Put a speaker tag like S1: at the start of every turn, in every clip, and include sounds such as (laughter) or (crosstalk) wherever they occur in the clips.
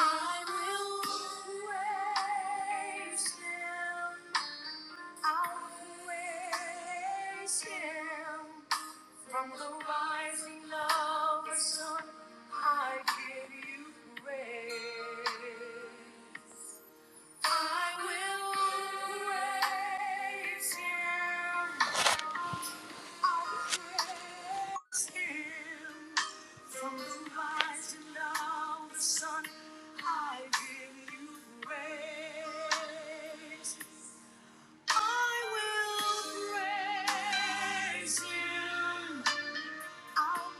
S1: I will praise I'll praise From the rising of the sun, I give you praise. I will praise him. From the rising of the sun, I give you praise. I will praise Him. I'll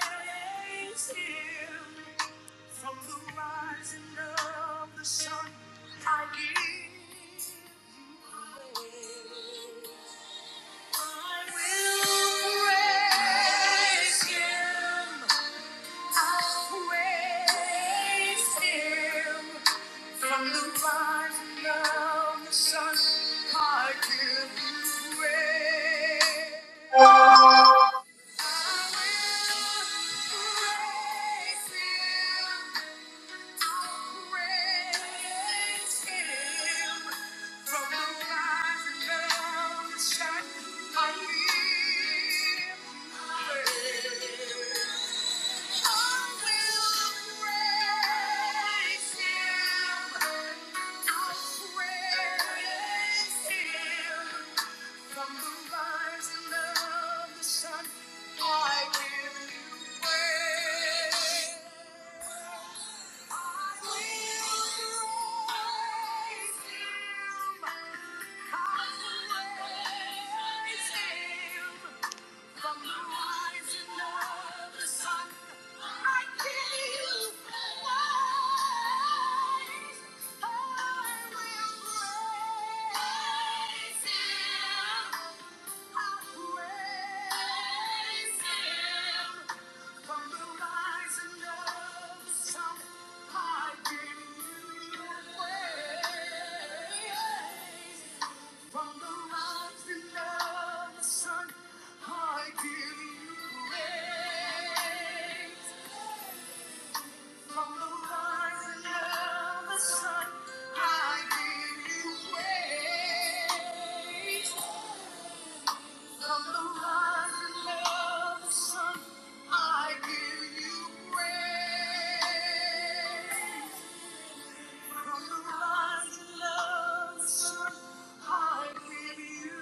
S1: praise Him from the rising of the sun, I give you praise. I will praise Him. I'll praise Him. From the rising of the sun, I give you praise. I will praise Him. Him. From the rising of the sun, I give you praise. I will praise him, 'cause the world is him. From the rising of the sun, I give you praise. I will praise Him. I praise Him. From the rising of the sun, I give you praise. From the rising of the sun, I give you praise. From the rising of the sun, I give you praise. From the rising of the sun, I give you praise. From the rising of the sun, I give you.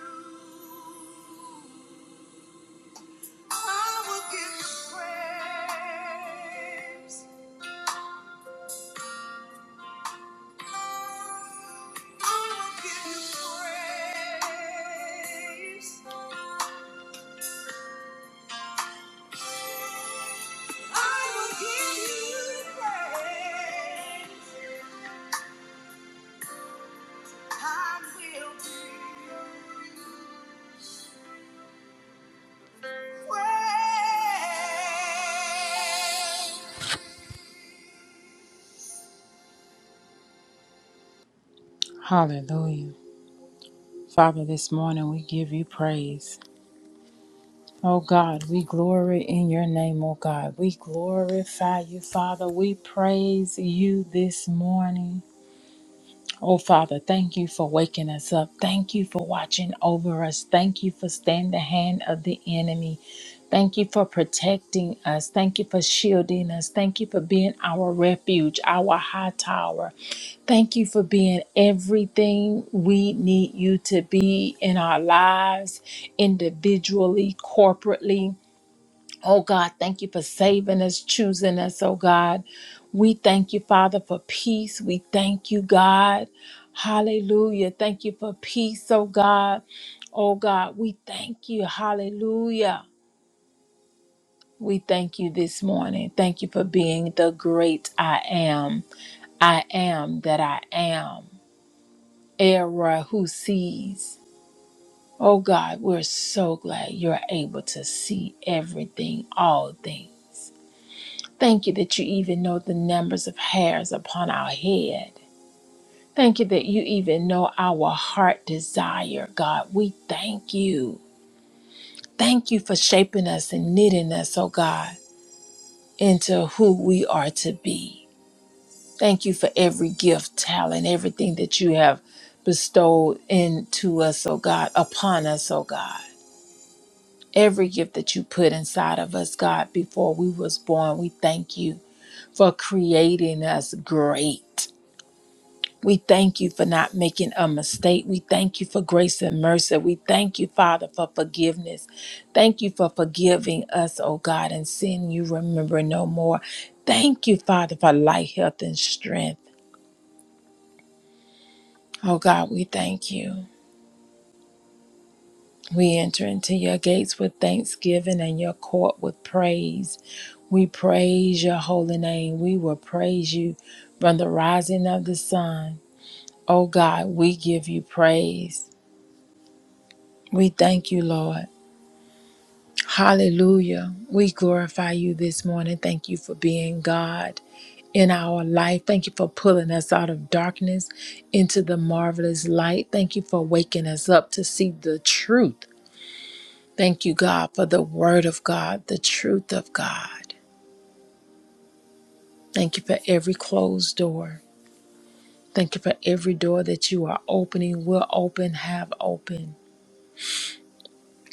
S1: Hallelujah. Father, this morning we give you praise. Oh God, we glory in your name, oh God. We glorify you, Father. We praise you this morning. Oh Father, thank you for waking us up. Thank you for watching over us. Thank you for staying the hand of the enemy. Thank you for protecting us. Thank you for shielding us. Thank you for being our refuge, our high tower. Thank you for being everything we need you to be in our lives, individually, corporately. Oh God, thank you for saving us, choosing us, oh God. We thank you, Father, for peace. We thank you, God. Hallelujah. Thank you for peace, oh God. Oh God, we thank you. Hallelujah. We thank you this morning. Thank you for being the great I am. I am that I am. Era who sees. Oh God, we're so glad you're able to see everything, all things. Thank you that you even know the numbers of hairs upon our head. Thank you that you even know our heart desire, God. We thank you. Thank you for shaping us and knitting us, oh God, into who we are to be. Thank you for every gift, talent, everything that you have bestowed into us, oh God, upon us, oh God. Every gift that you put inside of us, God, before we was born, we thank you for creating us great. We thank you for not making a mistake. We thank you for grace and mercy. We thank you, Father, for forgiveness. Thank you for forgiving us, oh God, and sin you remember no more. Thank you, Father, for life, health, and strength. Oh God, we thank you. We enter into your gates with thanksgiving and your court with praise. We praise your holy name. We will praise you from the rising of the sun. Oh God, we give you praise. We thank you, Lord. Hallelujah. We glorify you this morning. Thank you for being God in our life. Thank you for pulling us out of darkness into the marvelous light. Thank you for waking us up to see the truth. Thank you, God, for the word of God, the truth of God. Thank you for every closed door. Thank you for every door that you are opening, will open, have open.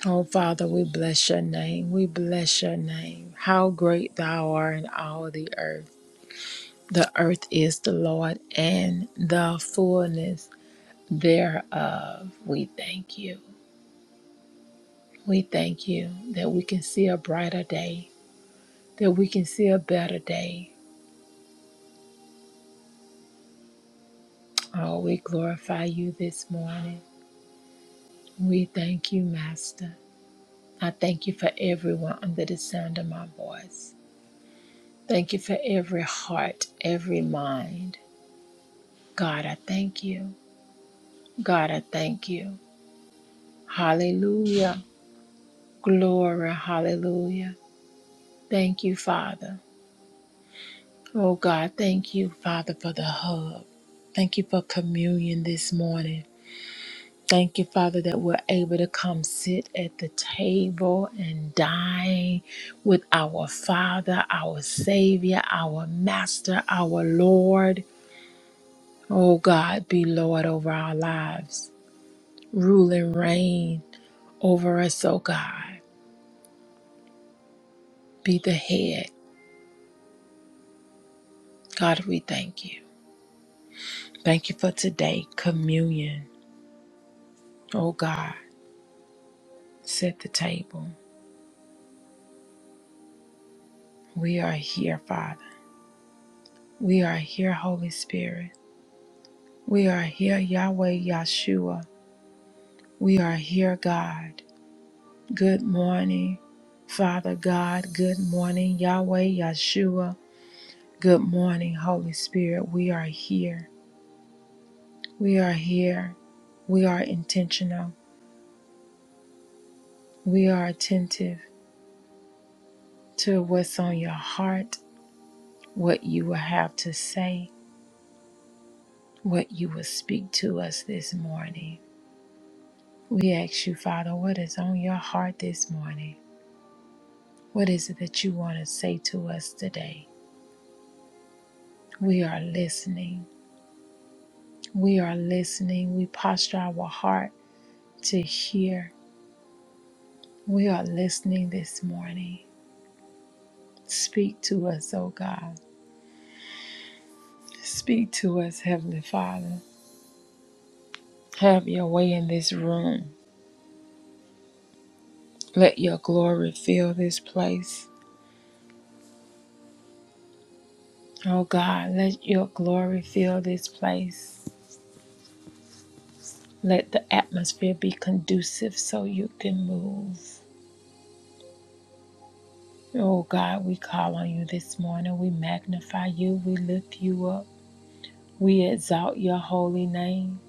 S1: Oh, Father, we bless your name. We bless your name. How great thou art in all the earth. The earth is the Lord and the fullness thereof. We thank you. We thank you that we can see a brighter day, that we can see a better day. Oh, we glorify you this morning. We thank you, Master. I thank you for everyone under the sound of my voice. Thank you for every heart, every mind. God, I thank you. God, I thank you. Hallelujah. Glory, hallelujah. Thank you, Father. Oh God, thank you, Father, for the hub. Thank you for communion this morning. Thank you, Father, that we're able to come sit at the table and dine with our Father, our Savior, our Master, our Lord. Oh God, be Lord over our lives. Rule and reign over us, oh God. Be the head. God, we thank you. Thank you for today, communion. Oh God. Set the table. We are here, Father. We are here, Holy Spirit. We are here, Yahweh Yahshua. We are here, God. Good morning, Father God. Good morning, Yahweh Yahshua. Good morning, Holy Spirit. We are here. We are here. We are intentional. We are attentive to what's on your heart, what you will have to say, what you will speak to us this morning. We ask you, Father, what is on your heart this morning? What is it that you want to say to us today? We are listening. We are listening. We posture our heart to hear. We are listening this morning. Speak to us, O God. Speak to us, Heavenly Father. Have your way in this room. Let your glory fill this place. Oh God, let your glory fill this place. Let the atmosphere be conducive so you can move. Oh God, we call on you this morning. We magnify you. We lift you up. We exalt your holy name.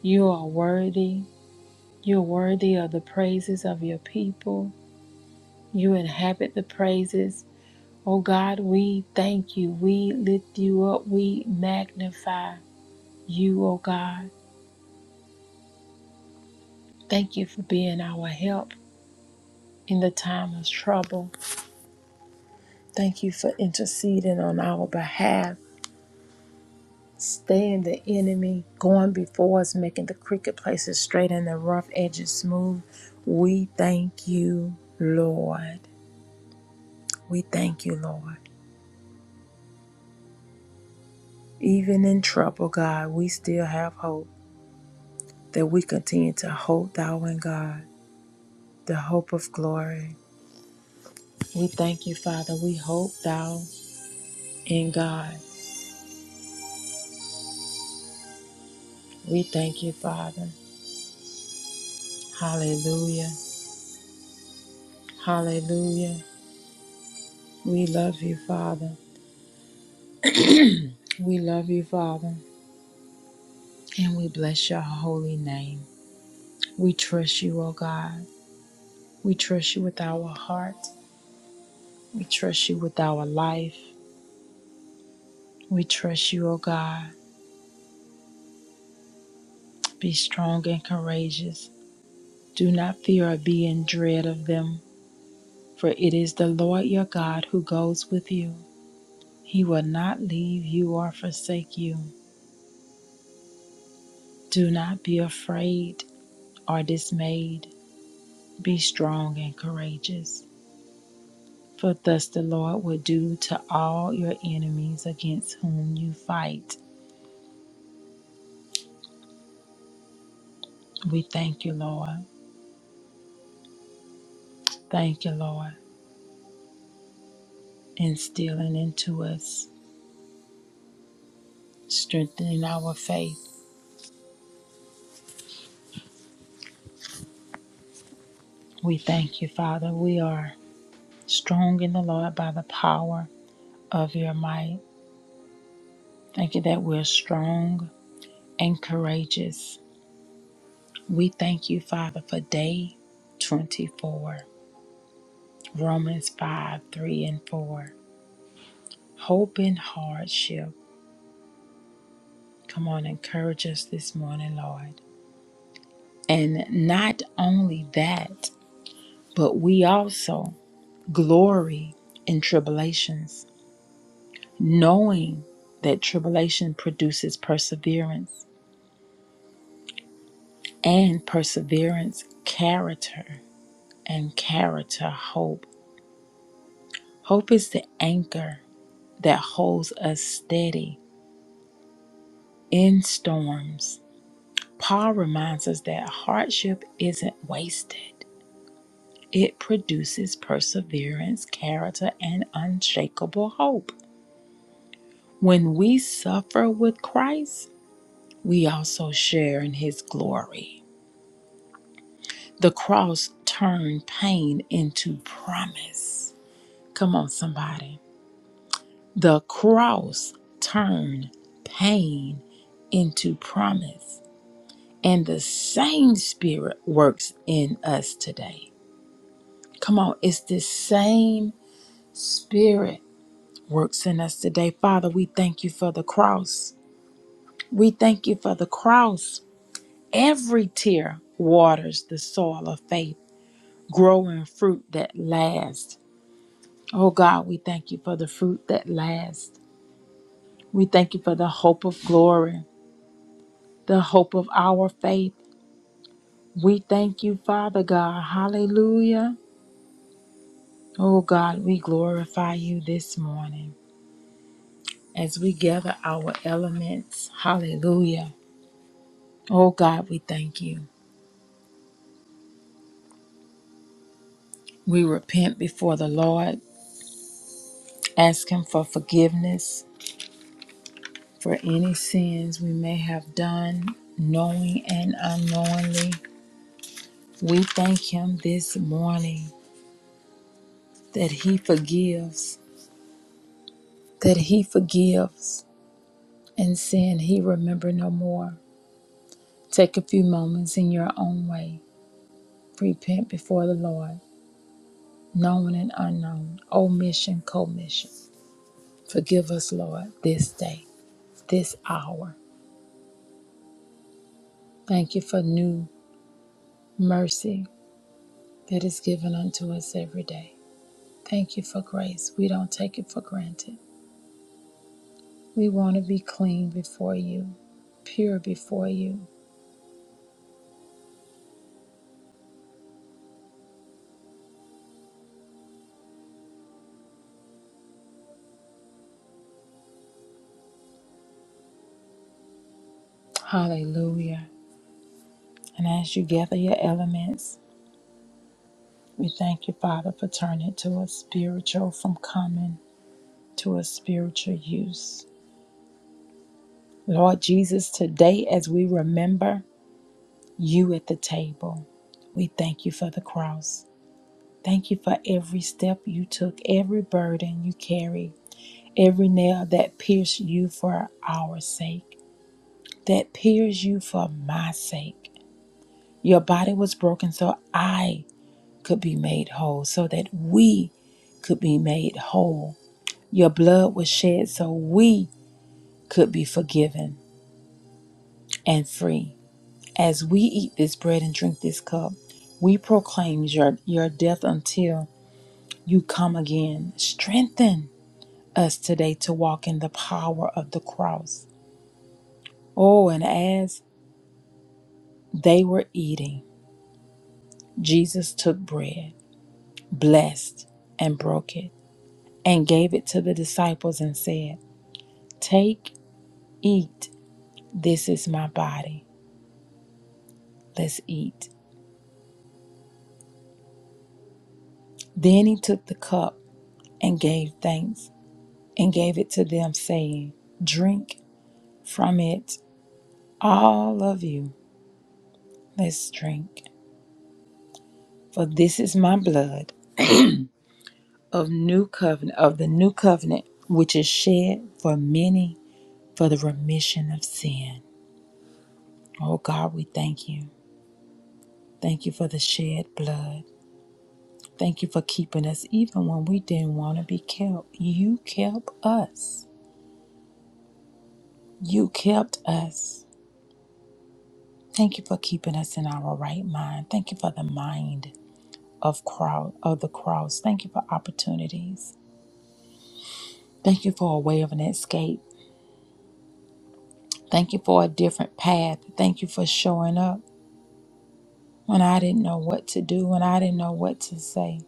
S1: You are worthy. You're worthy of the praises of your people. You inhabit the praises. Oh God, we thank you. We lift you up. We magnify you, oh God. Thank you for being our help in the time of trouble. Thank you for interceding on our behalf. staying the enemy, going before us, making the crooked places straight and the rough edges smooth. We thank you, Lord. We thank you, Lord. Even in trouble, God, we still have hope that we continue to hope thou in God, the hope of glory. We thank you, Father. We hope thou in God. We thank you, Father. Hallelujah. Hallelujah. We love you, Father. We love you, Father. And we bless your holy name. We trust you, O God. We trust you with our heart. We trust you with our life. We trust you, O God. Be strong and courageous. Do not fear or be in dread of them, for it is the Lord your God who goes with you. He will not leave you or forsake you. Do not be afraid or dismayed. Be strong and courageous. For thus the Lord will do to all your enemies against whom you fight. We thank you, Lord. Thank you, Lord, instilling into us, strengthening our faith. We thank you, Father. We are strong in the Lord by the power of your might. Thank you that we're strong and courageous. We thank you, Father, for day 24, Romans 5 3 and 4. Hope in hardship Come on, encourage us this morning, Lord. And not only that, but we also glory in tribulations, knowing that tribulation produces perseverance, and perseverance, character, and character, hope. Hope is the anchor that holds us steady in storms. Paul reminds us that hardship isn't wasted. It produces perseverance, character, and unshakable hope. When we suffer with Christ, we also share in his glory. The cross turned pain into promise. Come on, somebody. The cross turned pain into promise. And the same spirit works in us today. Come on, it's the same spirit works in us today. Father, we thank you for the cross. We thank you for the cross. Every tear waters the soil of faith, growing fruit that lasts. Oh God, we thank you for the fruit that lasts. We thank you for the hope of glory, the hope of our faith. We thank you, Father God. Hallelujah. Oh God, we glorify you this morning as we gather our elements. Hallelujah. Oh God, we thank you. We repent before the Lord, ask Him for forgiveness for any sins we may have done, knowing and unknowingly. We thank Him this morning that He forgives, that He forgives, and sin He remember no more. Take a few moments in your own way. Repent before the Lord, known and unknown, omission, commission. Forgive us, Lord, this day, this hour. Thank you for new mercy that is given unto us every day. Thank you for grace. We don't take it for granted. We want to be clean before you, pure before you. Hallelujah. And as you gather your elements, we thank you, Father, for turning it to a spiritual from common to a spiritual use. Lord Jesus, today as we remember you at the table, we thank you for the cross. Thank you for every step you took, every burden you carried. every nail that pierced you for our sake, that pierced you for my sake. Your body was broken so I could be made whole, so that we could be made whole. Your blood was shed so we could be forgiven and free. As we eat this bread and drink this cup, we proclaim your, your death until you come again. Strengthen us today to walk in the power of the cross. Oh, and as They were eating. Jesus took bread, blessed, and broke it, and gave it to the disciples and said, Take, eat, this is my body. Let's eat. Then he took the cup and gave thanks and gave it to them, saying, Drink from it, all of you. Let's drink. For this is my blood of new covenant of the new covenant, which is shed for many for the remission of sin. Oh God, we thank you. Thank you for the shed blood. Thank you for keeping us even when we didn't want to be kept. You kept us. You kept us. Thank you for keeping us in our right mind. Thank you for the mind of crow of the cross. Thank you for opportunities. Thank you for a way of an escape. Thank you for a different path. Thank you for showing up when I didn't know what to do, when I didn't know what to say.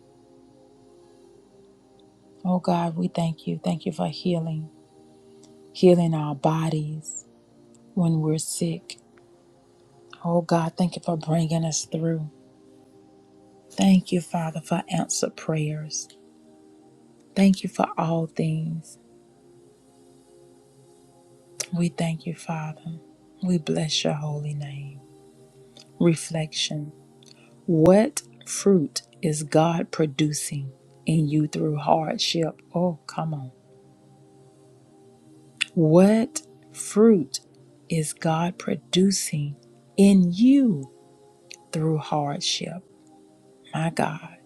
S1: Oh God, we thank you. Thank you for healing, healing our bodies, when we're sick. Oh God, thank you for bringing us through. Thank you, Father, for answered prayers. Thank you for all things. We thank you, Father. We bless your holy name. Reflection What fruit is God producing in you through hardship? Oh, come on. What fruit is God producing in you through hardship? My God.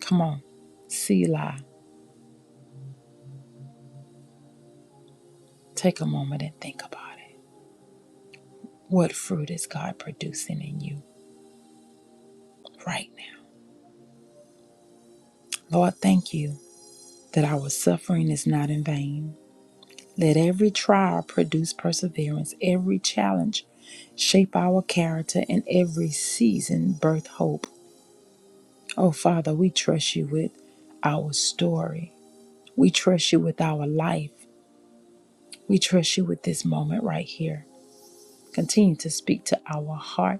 S1: Come on. Selah. Take a moment and think about it. What fruit is God producing in you right now? Lord, thank you that our suffering is not in vain. Let every trial produce perseverance, every challenge shape our character, and every season birth hope. Oh, Father, we trust you with our story. We trust you with our life. We trust you with this moment right here. Continue to speak to our heart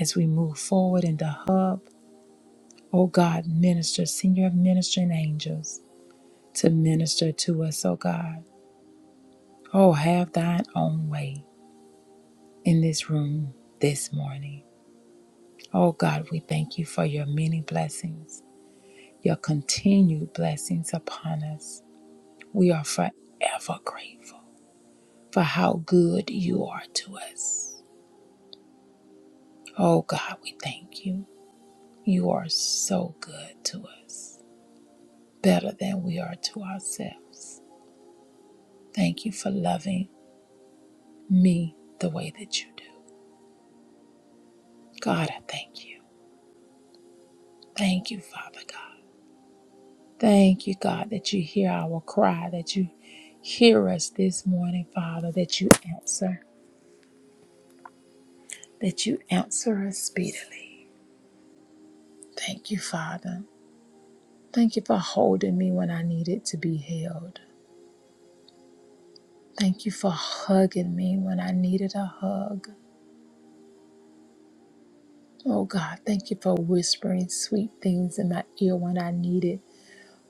S1: as we move forward in the hub O God, minister, senior ministering angels to minister to us, O God. Oh, have thine own way in this room this morning. Oh God, we thank you for your many blessings, your continued blessings upon us. We are forever grateful for how good you are to us. Oh God, we thank you. You are so good to us, better than we are to ourselves. Thank you for loving me the way that you do. God, I thank you. Thank you, Father God. Thank you, God, that you hear our cry, that you hear us this morning, Father, that you answer, that you answer us speedily. Thank you, Father. Thank you for holding me when I needed to be held. Thank you for hugging me when I needed a hug. Oh God, thank you for whispering sweet things in my ear when I needed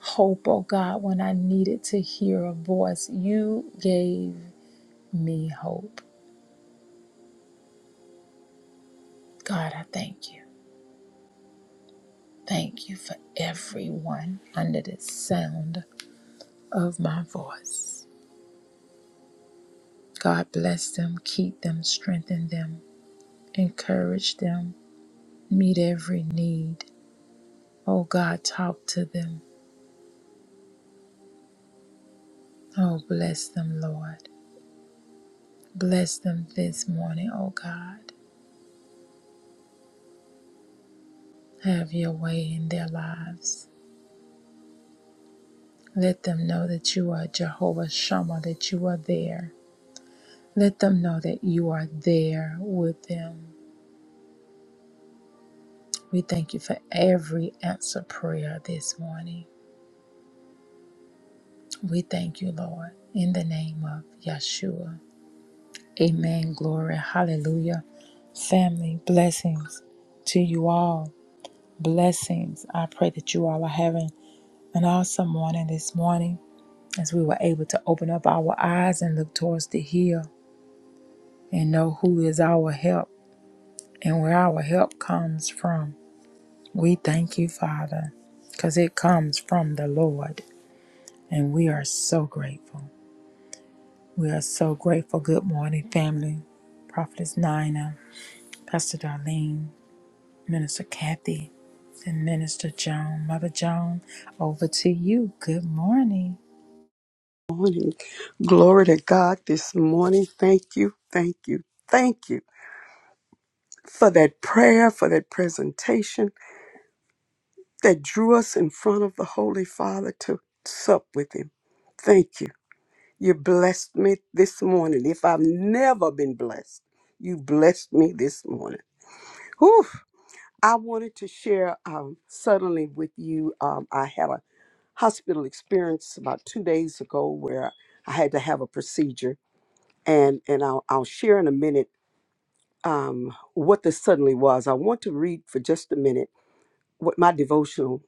S1: hope, oh God, when I needed to hear a voice. You gave me hope. God, I thank you. Thank you for everyone under the sound of my voice. God bless them, keep them, strengthen them, encourage them, meet every need. Oh God, talk to them. Oh, bless them, Lord. Bless them this morning, oh God. Have your way in their lives. Let them know that you are Jehovah Shammah, that you are there. Let them know that you are there with them. We thank you for every answer prayer this morning. We thank you, Lord, in the name of Yeshua. Amen. Glory. Hallelujah. Family, blessings to you all. Blessings. I pray that you all are having an awesome morning this morning as we were able to open up our eyes and look towards the hill and know who is our help. and where our help comes from. We thank you, Father, because it comes from the Lord, and we are so grateful. We are so grateful. Good morning, family. Prophetess Nina, Pastor Darlene, Minister Kathy, and Minister Joan. Mother Joan, over to you. Good morning.
S2: morning. Glory to God this morning. Thank you, thank you, thank you for that prayer, for that presentation that drew us in front of the Holy Father to sup with Him. Thank you. You blessed me this morning. If I've never been blessed, you blessed me this morning. Whew. I wanted to share um, suddenly with you. Um, I had a hospital experience about two days ago where I had to have a procedure and and I'll, I'll share in a minute um, what this suddenly was. I want to read for just a minute what my devotional,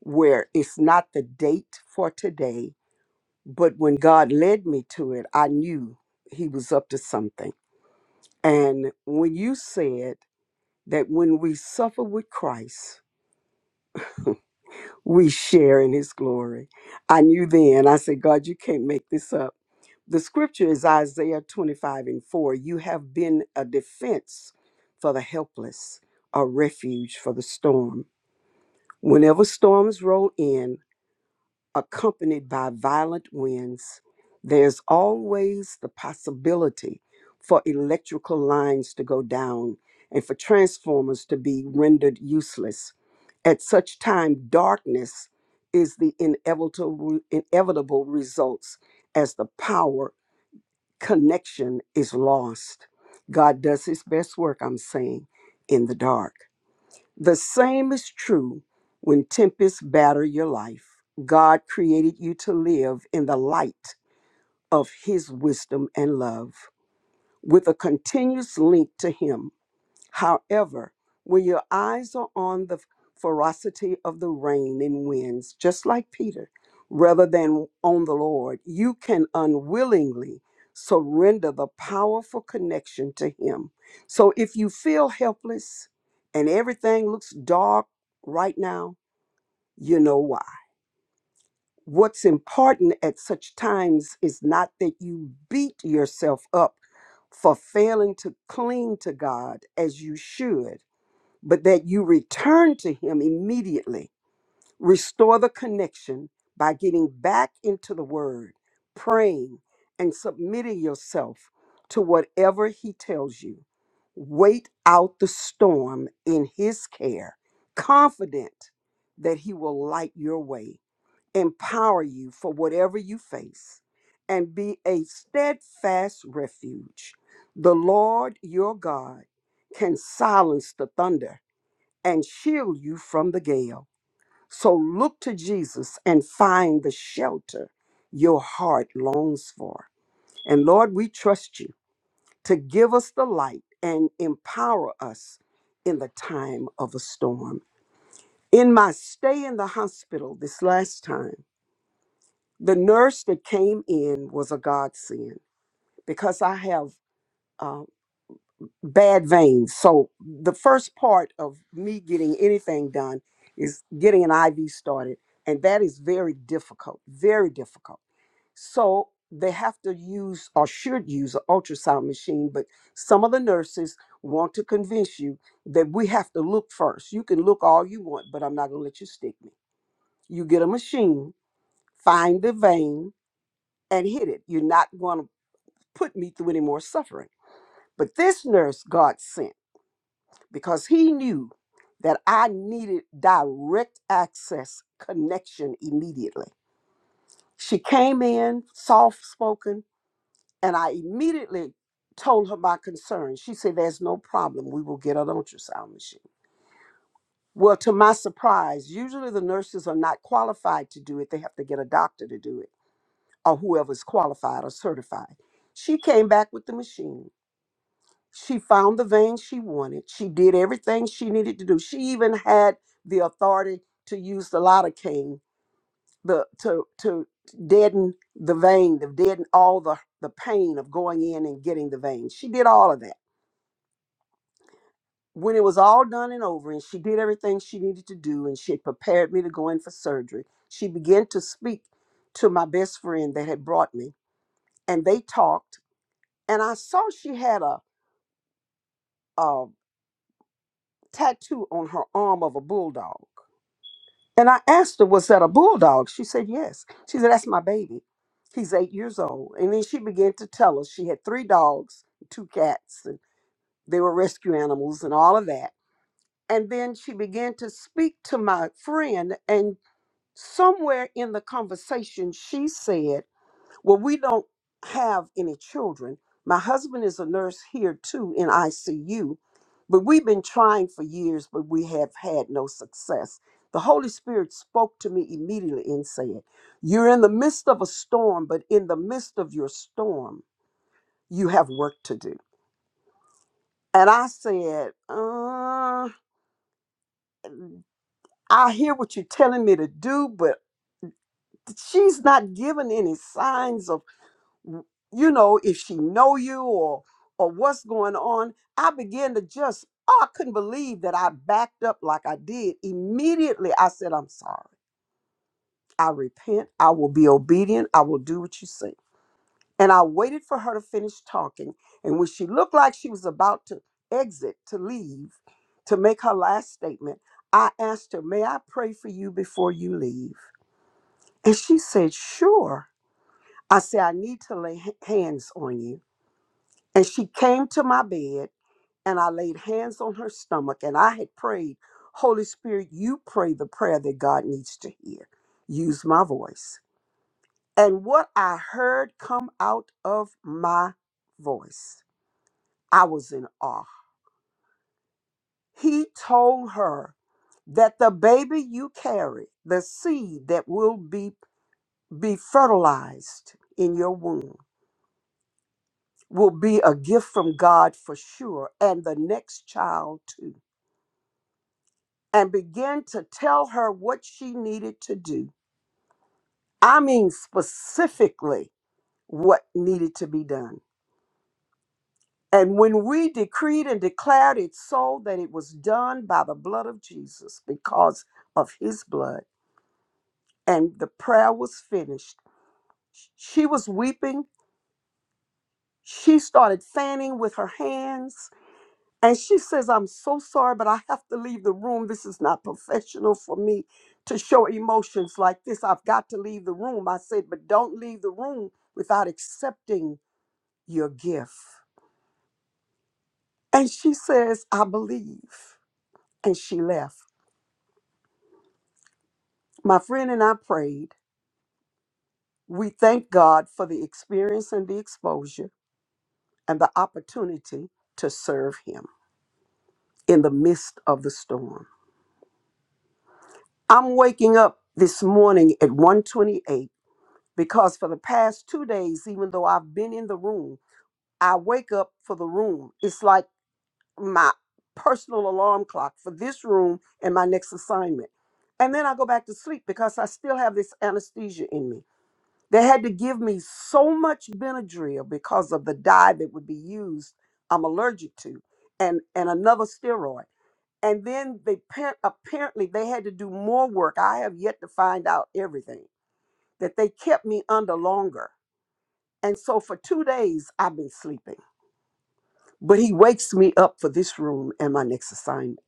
S2: where it's not the date for today, but when God led me to it, I knew He was up to something. And when you said that when we suffer with Christ, we share in His glory, I knew then. I said, God, you can't make this up The scripture is Isaiah 25 and 4. You have been a defense for the helpless, a refuge for the storm. Whenever storms roll in, accompanied by violent winds, there's always the possibility for electrical lines to go down and for transformers to be rendered useless. At such time, darkness is the inevitable, inevitable results as the power connection is lost. God does his best work, I'm saying, in the dark. The same is true when tempests batter your life. God created you to live in the light of his wisdom and love with a continuous link to him However, when your eyes are on the ferocity of the rain and winds, just like Peter, rather than on the Lord, you can unwillingly surrender the powerful connection to Him. So if you feel helpless and everything looks dark right now, you know why. What's important at such times is not that you beat yourself up for failing to cling to God as you should but that you return to Him immediately. Restore the connection by getting back into the Word, praying, and submitting yourself to whatever He tells you. Wait out the storm in His care, confident that He will light your way, empower you for whatever you face, and be a steadfast refuge. The Lord your God can silence the thunder and shield you from the gale. So look to Jesus and find the shelter your heart longs for. And Lord, we trust you to give us the light and empower us in the time of a storm. In my stay in the hospital this last time, the nurse that came in was a godsend because I have. uh, bad veins. So the first part of me getting anything done is getting an IV started, and that is very difficult, very difficult. So they have to use or should use an ultrasound machine, but some of the nurses want to convince you that we have to look first. You can look all you want, but I'm not going to let you stick me. You get a machine, find the vein, and hit it. You're not going to put me through any more suffering. But this nurse God sent because he knew that I needed direct access connection immediately. She came in, soft spoken, and I immediately told her my concern. She said, There's no problem. We will get an ultrasound machine. Well, to my surprise, usually the nurses are not qualified to do it. They have to get a doctor to do it or whoever's qualified or certified. She came back with the machine. She found the vein she wanted. She did everything she needed to do. She even had the authority to use the lidocaine, the to to deaden the vein, to deaden all the the pain of going in and getting the vein. She did all of that. When it was all done and over, and she did everything she needed to do, and she had prepared me to go in for surgery, she began to speak to my best friend that had brought me, and they talked. And I saw she had a, a tattoo on her arm of a bulldog. And I asked her, Was that a bulldog? She said, Yes. She said, That's my baby. He's eight years old. And then she began to tell us she had three dogs, two cats, and they were rescue animals and all of that. And then she began to speak to my friend. And somewhere in the conversation, she said, well, we don't have any children. My husband is a nurse here too in ICU, but we've been trying for years, but we have had no success. The Holy Spirit spoke to me immediately and said, You're in the midst of a storm, but in the midst of your storm, you have work to do. And I said, uh, I hear what you're telling me to do, but she's not giving any signs of you know, if she know you or or what's going on. I began to just, oh, I couldn't believe that I backed up like I did. Immediately I said, I'm sorry. I repent. I will be obedient. I will do what you say. And I waited for her to finish talking. And when she looked like she was about to exit, to leave, to make her last statement, I asked her, May I pray for you before you leave? And she said, Sure. I said, I need to lay h- hands on you. And she came to my bed, and I laid hands on her stomach, and I had prayed, Holy Spirit, you pray the prayer that God needs to hear. Use my voice. And what I heard come out of my voice, I was in awe. He told her that the baby you carry, the seed that will be, be fertilized in your womb, will be a gift from God for sure, and the next child too and began to tell her what she needed to do. I mean, specifically what needed to be done. And when we decreed and declared it so that it was done by the blood of Jesus because of his blood, and the prayer was finished, she was weeping. She started fanning with her hands. And she says, I'm so sorry, but I have to leave the room. This is not professional for me to show emotions like this. I've got to leave the room. I said, but don't leave the room without accepting your gift. And she says, I believe. And she left. My friend and I prayed. We thank God for the experience and the exposure and the opportunity to serve him in the midst of the storm. I'm waking up this morning at 1:28 because for the past two days, even though I've been in the room, I wake up for the room. It's like my personal alarm clock for this room and my next assignment. And then I go back to sleep because I still have this anesthesia in me. They had to give me so much Benadryl because of the dye that would be used, I'm allergic to, and, and another steroid. And then they par- apparently they had to do more work. I have yet to find out everything that they kept me under longer and so for two days, I've been sleeping. But he wakes me up for this room and my next assignment.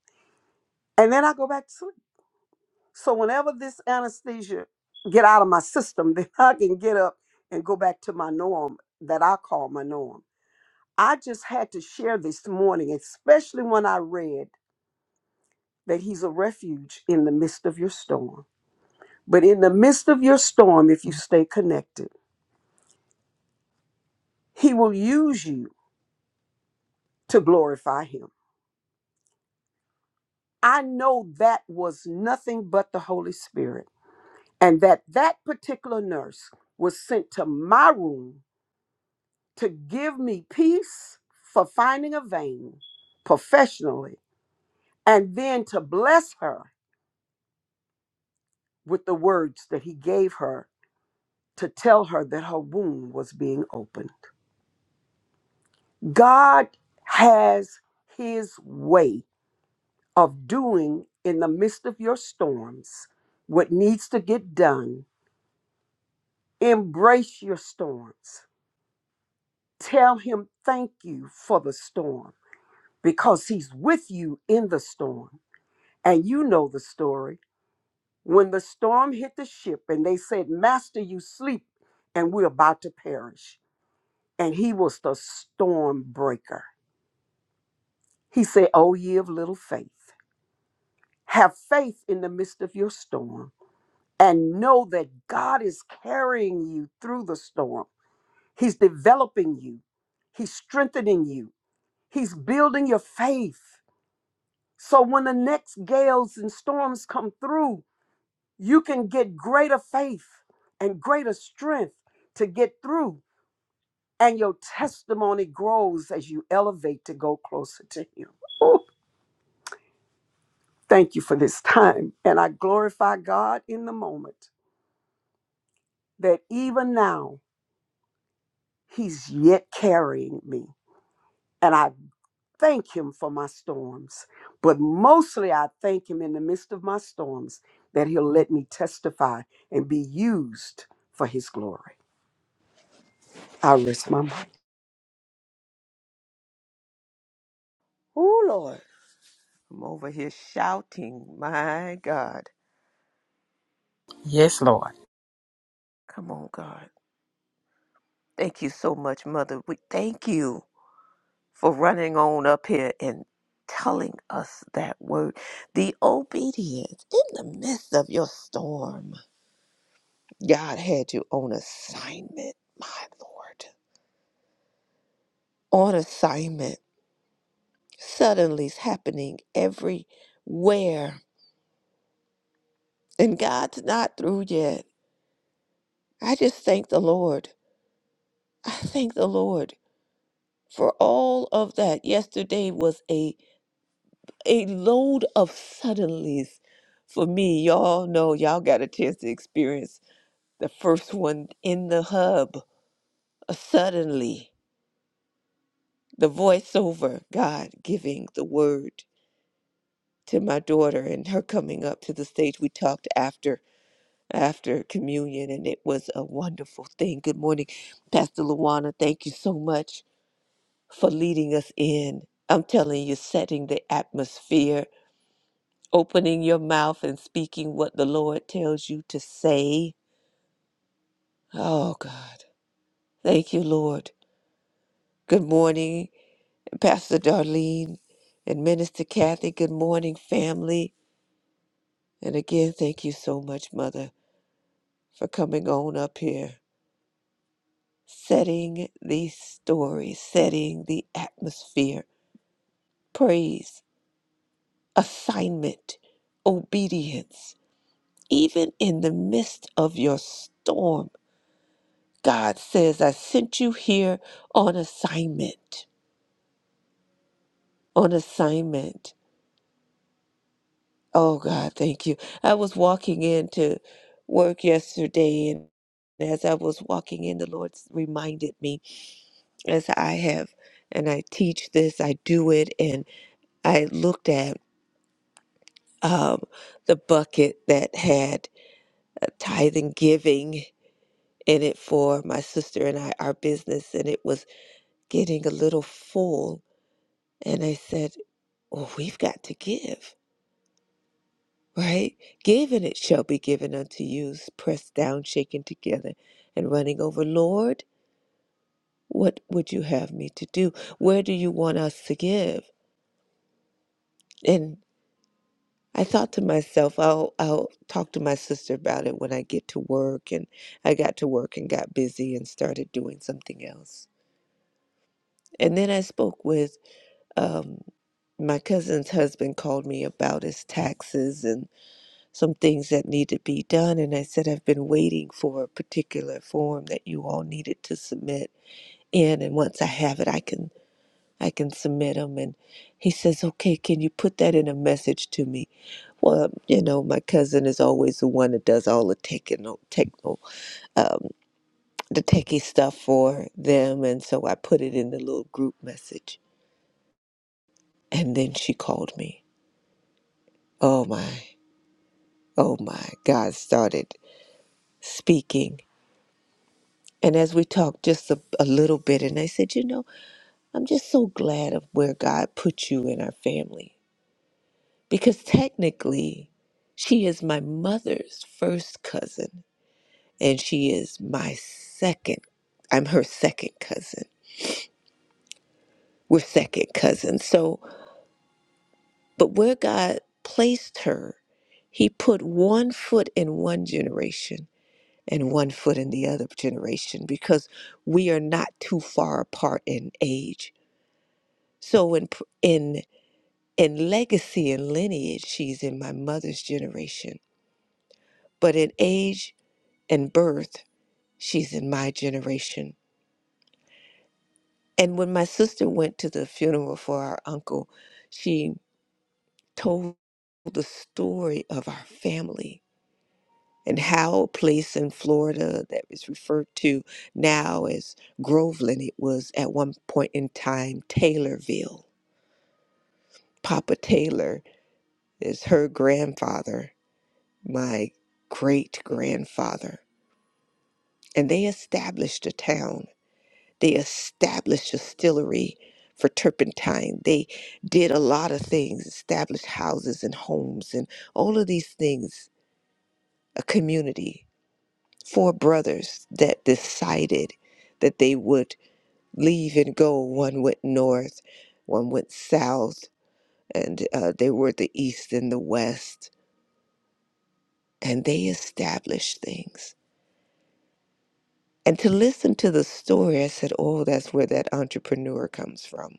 S2: And then I go back to sleep. So whenever this anesthesia get out of my system, (laughs) then I can get up and go back to my norm that I call my norm. I just had to share this morning, especially when I read that he's a refuge in the midst of your storm. But in the midst of your storm, if you stay connected, he will use you to glorify him. I know that was nothing but the Holy Spirit, and that that particular nurse was sent to my room to give me peace for finding a vein professionally, and then to bless her with the words that he gave her to tell her that her wound was being opened. God has his way of doing in the midst of your storms what needs to get done. Embrace your storms Tell him thank you for the storm because he's with you in the storm. And you know the story. When the storm hit the ship and they said, Master, you sleep and we're about to perish. And he was the storm breaker. He said, Oh, ye of little faith, have faith in the midst of your storm and know that God is carrying you through the storm. He's developing you, He's strengthening you, He's building your faith. So when the next gales and storms come through, you can get greater faith and greater strength to get through. And your testimony grows as you elevate to go closer to Him. Ooh, thank you for this time. And I glorify God in the moment that even now He's yet carrying me. and I. thank him for my storms, but mostly I thank him in the midst of my storms that he'll let me testify and be used for his glory. I rest my mind.
S3: Oh, Lord. I'm over here shouting. My God.
S1: Yes, Lord.
S3: Come on, God. Thank you so much, Mother. We thank you for running on up here and telling us that word. The obedience in the midst of your storm. God had you on assignment, my Lord. On assignment. Suddenly it's happening everywhere. And God's not through yet. I just thank the Lord. I thank the Lord for all of that. Yesterday was a a load of suddenlies for me. Y'all know y'all got a chance to experience the first one in the hub. Uh, suddenly, the voiceover, God giving the word to my daughter and her coming up to the stage. We talked after after communion and it was a wonderful thing. Good morning, Pastor Luana. Thank you so much for leading us in. I'm telling you, setting the atmosphere opening your mouth and speaking what the Lord tells you to say. Oh, God. Thank you, Lord. Good morning, Pastor Darlene and Minister Kathy. Good morning, family. And again, thank you so much, Mother, for coming on up here, setting the story, setting the atmosphere, praise, assignment, obedience, even in the midst of your storm. God says, I sent you here on assignment. On assignment. Oh, God, thank you. I was walking into work yesterday, and as I was walking in, the Lord reminded me, as I have, and I teach this, I do it, and I looked at um, the bucket that had tithing giving in it for my sister and I, our business, and it was getting a little full. And I said, well, we've got to give, right? Give and it shall be given unto you, pressed down, shaken together, and running over. Lord, what would you have me to do? Where do you want us to give? And I thought to myself, I'll I'll talk to my sister about it when I get to work. And I got to work and got busy and started doing something else. And then I spoke with um, my cousin's husband called me about his taxes and. some things that need to be done. And I said, I've been waiting for a particular form that you all needed to submit in. And once I have it, I can I can submit them. And he says, okay, can you put that in a message to me? Well, you know, my cousin is always the one that does all the techno, techno, um, the techie stuff for them. And so I put it in the little group message. And then she called me. Oh my, oh my, God started speaking And as we talked just a, a little bit, and I said, you know, I'm just so glad of where God put you in our family because technically, she is my mother's first cousin, and she is my second. I'm her second cousin. We're second cousins. So, but where God placed her, He put one foot in one generation and one foot in the other generation because we are not too far apart in age So in pr- in in legacy and lineage, she's in my mother's generation. But in age and birth, she's in my generation. And when my sister went to the funeral for our uncle, she told the story of our family and how a place in Florida that is referred to now as Groveland, it was at one point in time Taylorville. Papa Taylor is her grandfather my great grandfather. And they established a town, they established a distillery for turpentine. They did a lot of things, established houses and homes and all of these things, a community. Four brothers that decided that they would leave and go. One went north, one went south, and uh, they were the east and the west. And they established things And to listen to the story, I said, oh, that's where that entrepreneur comes from,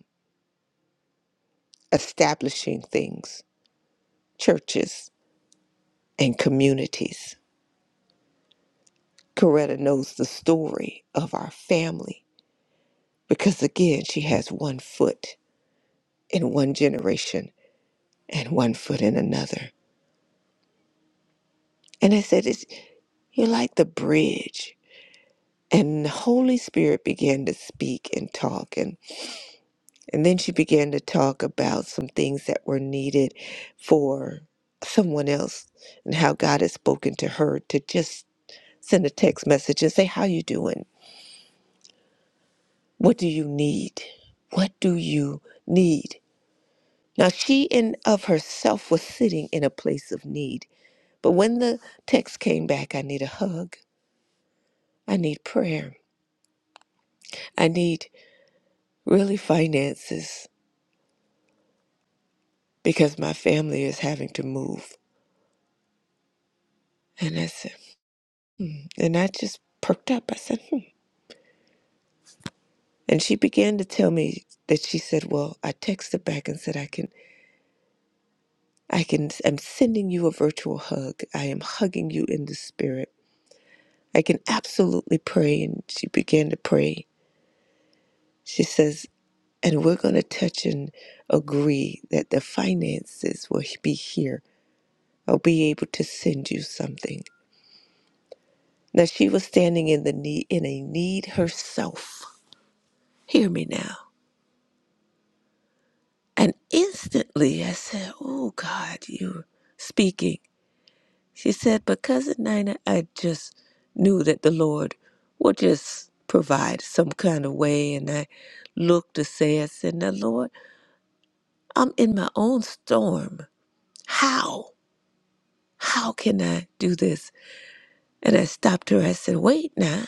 S3: establishing things, churches, and communities. Coretta knows the story of our family because, again, she has one foot in one generation and one foot in another. And I said, it's, you're like the bridge. And the Holy Spirit began to speak and talk. and. And then she began to talk about some things that were needed for someone else and how God had spoken to her to just send a text message and say, How you doing? What do you need? What do you need? Now she in of herself was sitting in a place of need. But when the text came back, I need a hug. I need prayer. I need really finances because my family is having to move. And I said, and I just perked up. I said, hmm. And she began to tell me that she said, "Well, I texted back and said I can I can I'm sending you a virtual hug. I am hugging you in the spirit. I can absolutely pray." And she began to pray. She says, "And we're going to touch and agree that the finances will be here. I'll be able to send you something." Now she was standing in the need in a need herself. Hear me now. And instantly I said, "Oh God, you're speaking." She said, But Cousin Nina, I just knew that the Lord would just provide some kind of way. And I looked to say, I said, Now, Lord, I'm in my own storm. How? How can I do this? And I stopped her. I said, Wait now.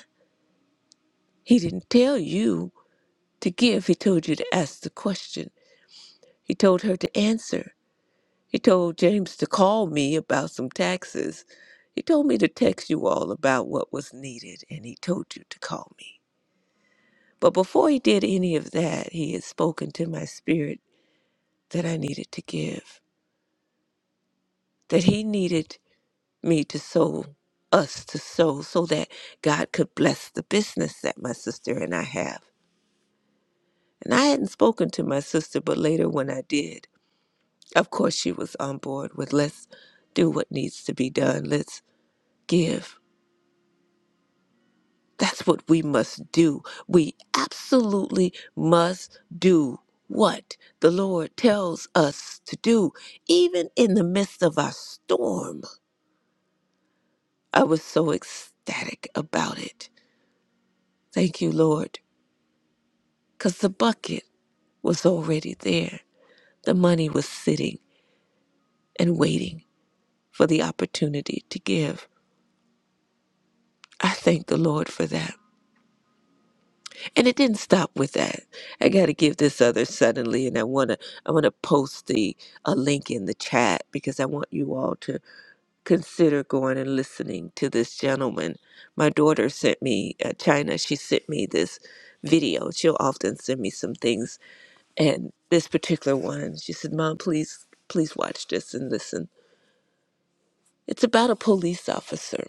S3: He didn't tell you to give, he told you to ask the question. He told her to answer. He told James to call me about some taxes. He told me to text you all about what was needed, and he told you to call me. But before he did any of that, he had spoken to my spirit that I needed to give, that he needed me to sow, us to sow, so that God could bless the business that my sister and I have. And I hadn't spoken to my sister, but later when I did, of course she was on board with let's do what needs to be done, let's give. That's what we must do. We absolutely must do what the Lord tells us to do, even in the midst of our storm. I was so ecstatic about it. Thank you, Lord, because the bucket was already there. The money was sitting and waiting for the opportunity to give. I thank the Lord for that. And it didn't stop with that. I got to give this other suddenly, and I wanna I wanna post the a link in the chat because I want you all to consider going and listening to this gentleman. My daughter sent me uh, China. She sent me this video. She'll often send me some things, and this particular one, she said, "Mom, please, please watch this and listen." It's about a police officer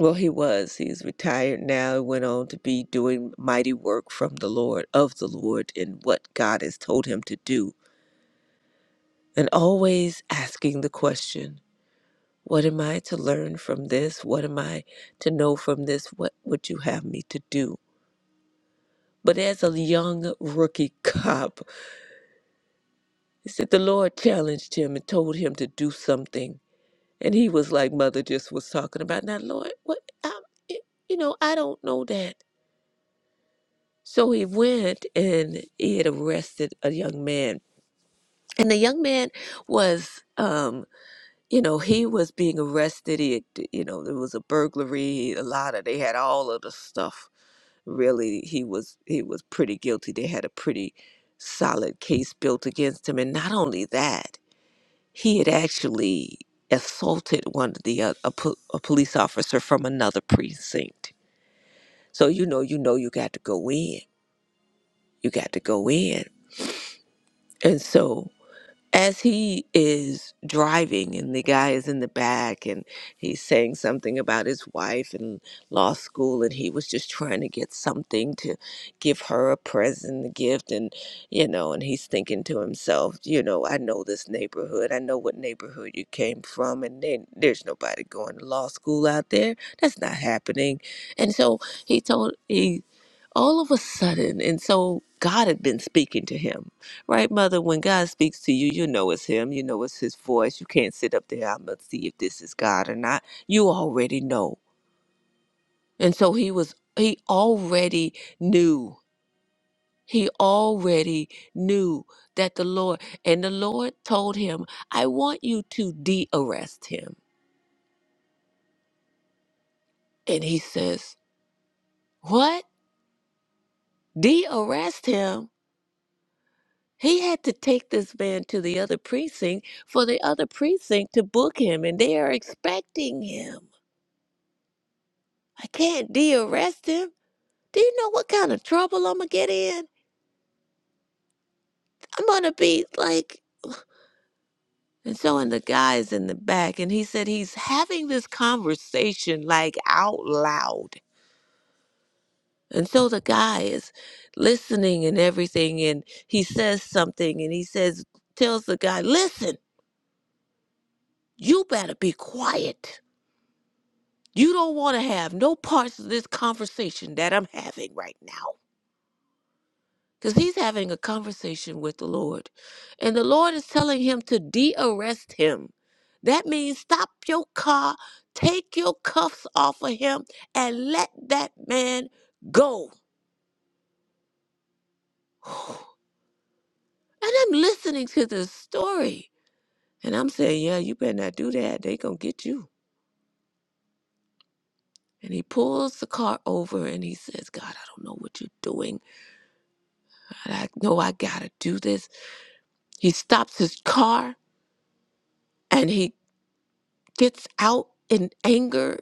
S3: well, he was. He's retired now. Went on to be doing mighty work from the Lord, of the Lord, in what God has told him to do. And always asking the question, What am I to learn from this? What am I to know from this? What would you have me to do? But as a young rookie (laughs) cop, he said the Lord challenged him and told him to do something. And he was like Mother just was talking about, Now, Lord, what? i you know, I don't know that. So he went and he had arrested a young man. And the young man was, um, you know, he was being arrested. He, had, you know, there was a burglary, a lot of, they had all of the stuff. Really, he was, he was pretty guilty. They had a pretty solid case built against him. And not only that, he had actually assaulted one of the, uh, a, po- a police officer from another precinct. So, you know, you know, you got to go in. You got to go in. And so as he is driving and the guy is in the back and he's saying something about his wife and law school and he was just trying to get something to give her a present a gift and you know and he's thinking to himself you know i know this neighborhood i know what neighborhood you came from and then there's nobody going to law school out there that's not happening and so he told he all of a sudden and so god had been speaking to him Right, mother, when God speaks to you, you know it's Him. You know it's His voice. You can't sit up there, I'm going to see if this is God or not. You already know. And so he was, he already knew. He already knew that the Lord, and the Lord told him, I want you to de arrest him. And he says, What? De arrest him? He had to take this man to the other precinct for the other precinct to book him, and they are expecting him. I can't de-arrest him. Do you know what kind of trouble I'm gonna get in? I'm gonna be like. And so, and the guy's in the back, and he said he's having this conversation like out loud. And so the guy is listening and everything, and he says something, and he says, tells the guy, listen, you better be quiet. You don't want to have no parts of this conversation that I'm having right now. because he's having a conversation with the Lord. And the Lord is telling him to de arrest him. That means stop your car, take your cuffs off of him, and let that man go. (sighs) And I'm listening to this story. And I'm saying, yeah, you better not do that. They gonna get you. And he pulls the car over and he says, God, I don't know what you're doing. God, I know I gotta do this. He stops his car and he gets out in anger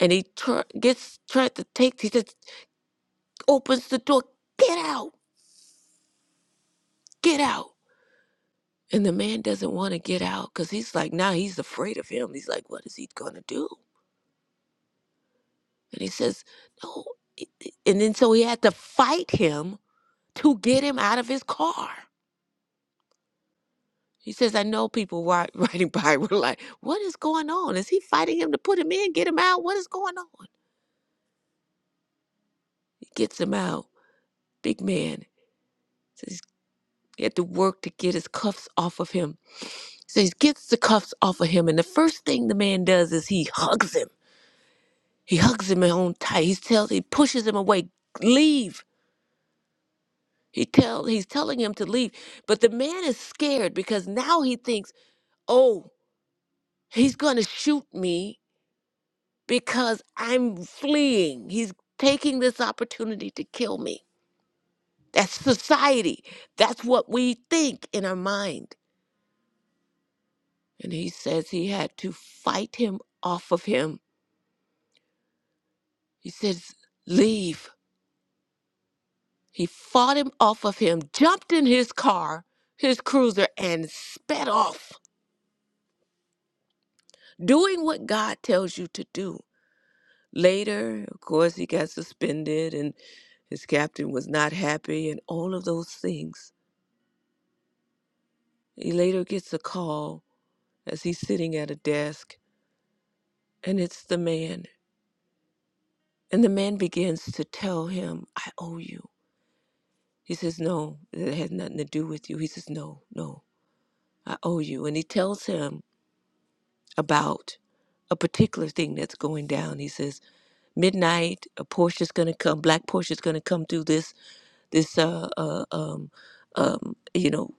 S3: and he tr- gets tried to take he just opens the door get out get out and the man doesn't want to get out because he's like now he's afraid of him he's like what is he gonna do and he says no and then so he had to fight him to get him out of his car he says i know people ri- (laughs) riding by were like what is going on is he fighting him to put him in get him out what is going on he gets him out big man says he had to work to get his cuffs off of him So he gets the cuffs off of him, and the first thing the man does is he hugs him. He hugs him on tight. He tells, he pushes him away. Leave. He tell, he's telling him to leave. But the man is scared because now he thinks, oh, he's going to shoot me because I'm fleeing. He's taking this opportunity to kill me. That's society. That's what we think in our mind. And he says he had to fight him off of him. He says, leave He fought him off of him, jumped in his car, his cruiser, and sped off, doing what God tells you to do. Later, of course, he got suspended and his captain was not happy and all of those things. He later gets a call as he's sitting at a desk, and it's the man. And the man begins to tell him, I owe you. He says, No, it had nothing to do with you. He says, No, no, I owe you. And he tells him about a particular thing that's going down. He says, midnight a Porsche is going to come black Porsche is going to come through this this uh, uh um um you know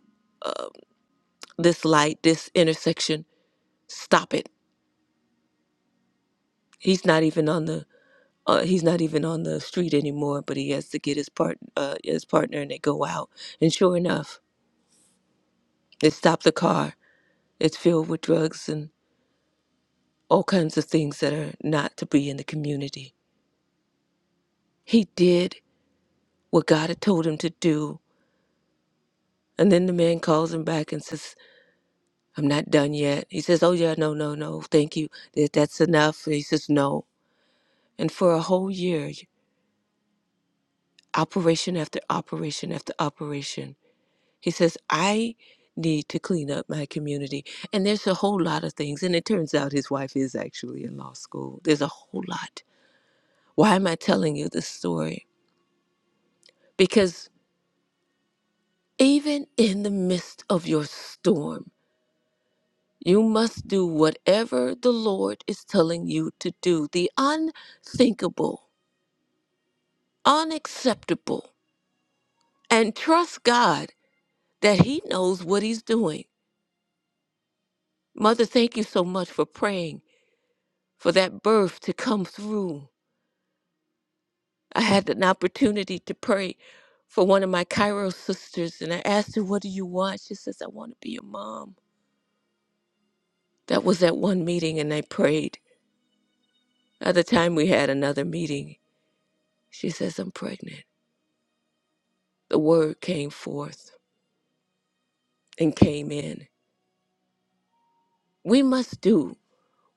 S3: this light this intersection stop it he's not even on the uh, he's not even on the street anymore but he has to get his part uh, his partner and they go out and sure enough they stop the car it's filled with drugs and all kinds of things that are not to be in the community he did what God had told him to do And then the man calls him back and says, I'm not done yet. He says, Oh, yeah, no, no, no, thank you. Th- That's enough. And he says, No. And for a whole year, operation after operation after operation, he says, I need to clean up my community. And there's a whole lot of things. And it turns out his wife is actually in law school. There's a whole lot. Why am I telling you this story? Because even in the midst of your storm, You must do whatever the Lord is telling you to do, the unthinkable, unacceptable, and trust God that He knows what He's doing. Mother, thank you so much for praying for that birth to come through. I had an opportunity to pray for one of my Cairo sisters, and I asked her, What do you want? She says, I want to be a mom. That was at one meeting, and I prayed. At the time, we had another meeting. She says, I'm pregnant. the word came forth and came in. We must do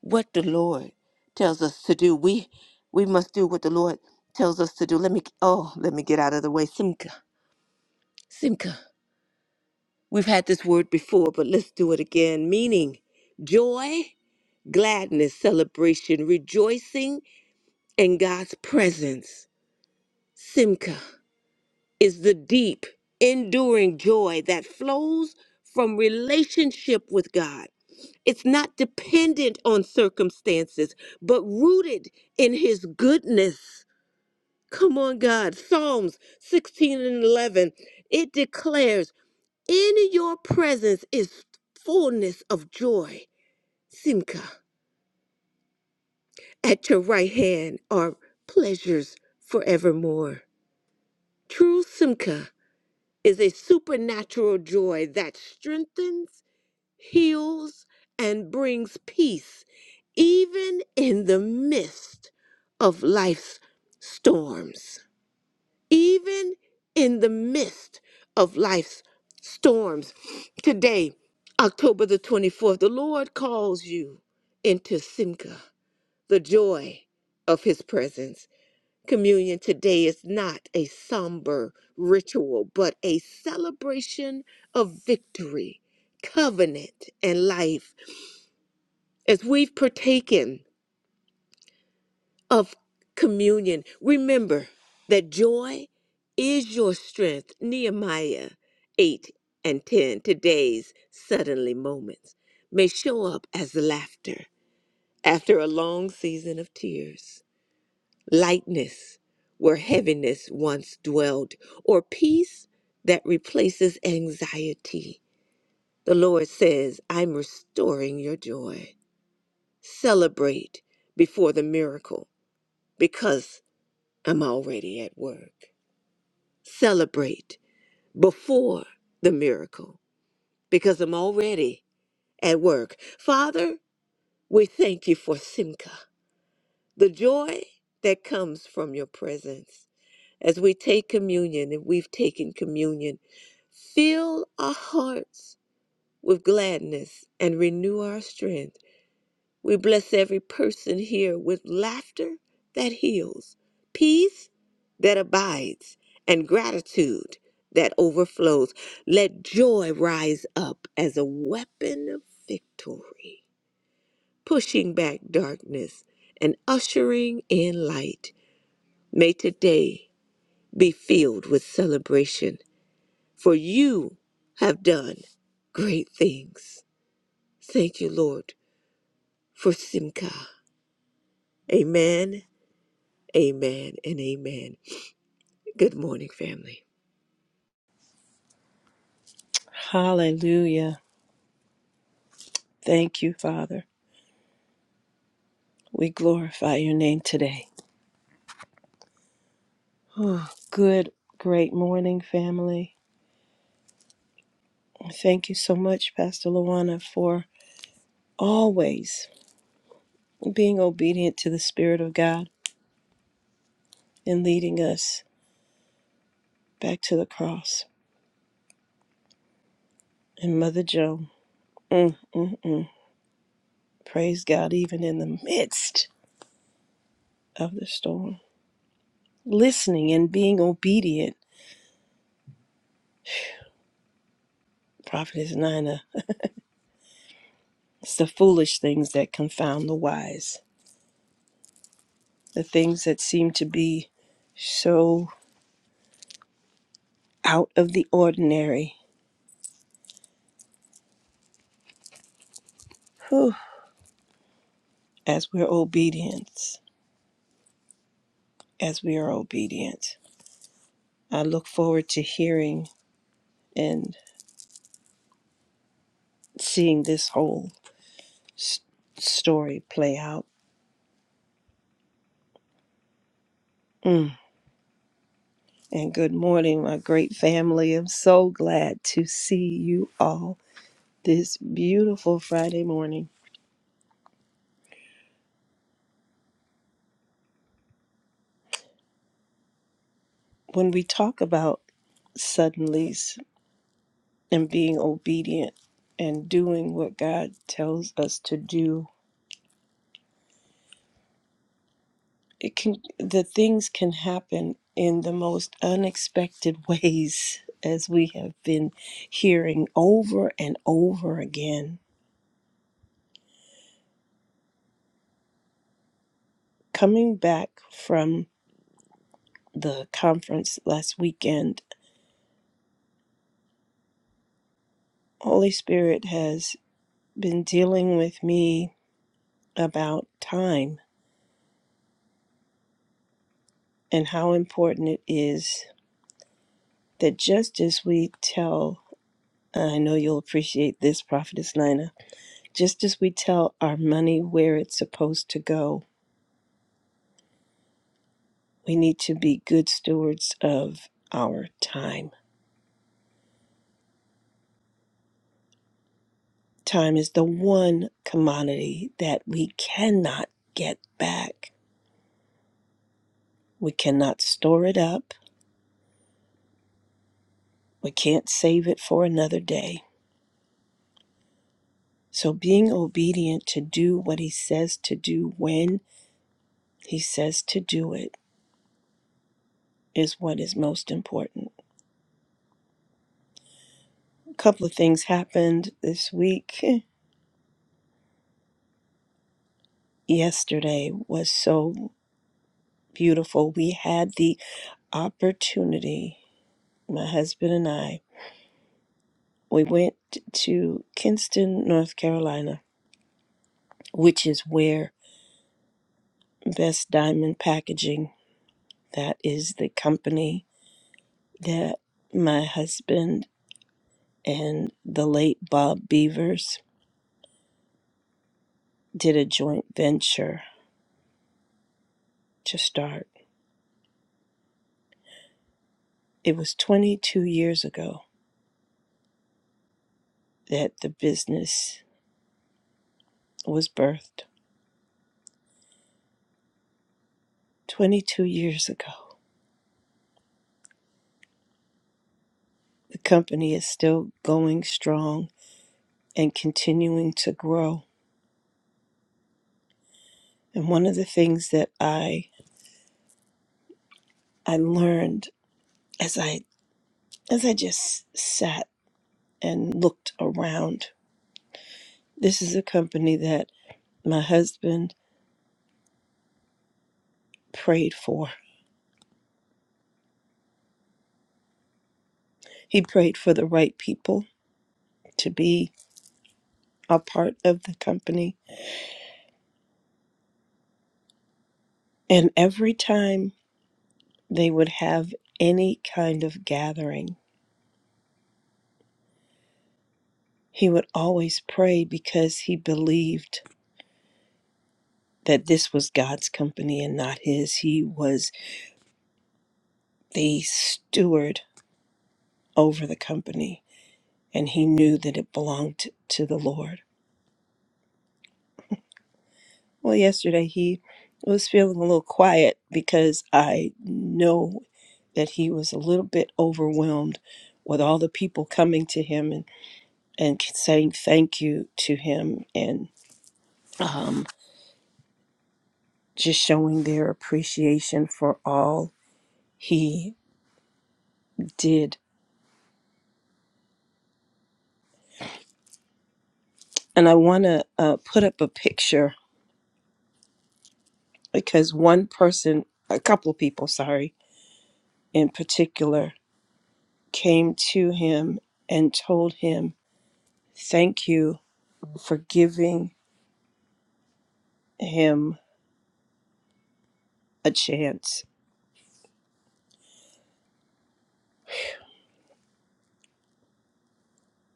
S3: what the Lord tells us to do. We we must do what the Lord tells us to do. Let me oh, let me get out of the way. Simka. Simka. We've had this word before, but let's do it again. Meaning joy, gladness, celebration, rejoicing in God's presence. Simka. is the deep, enduring joy that flows from relationship with God. It's not dependent on circumstances, but rooted in his goodness. Come on, God. Psalms 16 and 11. It declares, In your presence is fullness of joy. Simcha. At your right hand are pleasures forevermore. True Simcha is a supernatural joy that strengthens, heals, and brings peace, even in the midst of life's storms. Even in the midst of life's storms. Today, October the 24th, the Lord calls you into Simcha, the joy of his presence. Communion today is not a somber ritual, but a celebration of victory, covenant, and life. As we've partaken of communion, remember that joy is your strength. Nehemiah 8 and 10, today's suddenly moments, may show up as laughter after a long season of tears lightness where heaviness once dwelled, or peace that replaces anxiety. The Lord says, I'm restoring your joy. Celebrate before the miracle because I'm already at work. Celebrate before the miracle because I'm already at work. Father, we thank you for Simca. The joy that comes from your presence. As we take communion, and we've taken communion, fill our hearts with gladness and renew our strength. We bless every person here with laughter that heals, peace that abides, and gratitude that overflows. Let joy rise up as a weapon of victory, pushing back darkness and ushering in light. May today be filled with celebration, for you have done great things. Thank you, Lord, for Simcha. Amen, amen, and amen. Good morning, family.
S4: Hallelujah. Thank you, Father. We glorify your name today. Oh, good, great morning, family. Thank you so much, Pastor Luana, for always being obedient to the Spirit of God and leading us back to the cross. And Mother Joan, mm, mm, mm. praise God, even in the midst of the storm. Listening and being obedient, Prophetess Nina, it's the foolish things that confound the wise. the things that seem to be so out of the ordinary. Whew. As we're obedient, as we are obedient, I look forward to hearing and seeing this whole s- story play out. Mm. And good morning, my great family. I'm so glad to see you all this beautiful Friday morning. When we talk about suddenlies, and being obedient and doing what God tells us to do. It can the things can happen in the most unexpected (laughs) ways as we have been hearing over and over again. Coming back from the conference last weekend, Holy Spirit has been dealing with me about time and how important it is that just as we tell I know you'll appreciate this, Prophetess Nina. Just as we tell our money where it's supposed to go, we need to be good stewards of our time. Time is the one commodity that we cannot get back. We cannot store it up, we can't save it for another day. So, being obedient to do what He says to do when He says to do it is what is most important. A couple of things happened this week. (laughs) yesterday was so beautiful. We had the opportunity, my husband and I, we went to Kinston, North Carolina, which is where Best Diamond Packaging, that is the company that my husband and the late Bob Beavers did a joint venture to start. It was 22 years ago that the business was birthed. 22 years ago The company is still going strong and continuing to grow. And one of the things that I I learned as I as I just sat and looked around, this is a company that my husband prayed for. He prayed for the right people to be a part of the company. And every time they would have any kind of gathering, he would always pray because he believed that this was God's company and not his. He was the steward over the company and he knew that it belonged to the Lord. Well, yesterday he was feeling a little quiet because I know that he was a little bit overwhelmed with all the people coming to him and, and saying thank you to him and um, just showing their appreciation for all he did. And I want to uh, put up a picture because one person, a couple people, sorry, in particular, came to him and told him, Thank you for giving him a chance.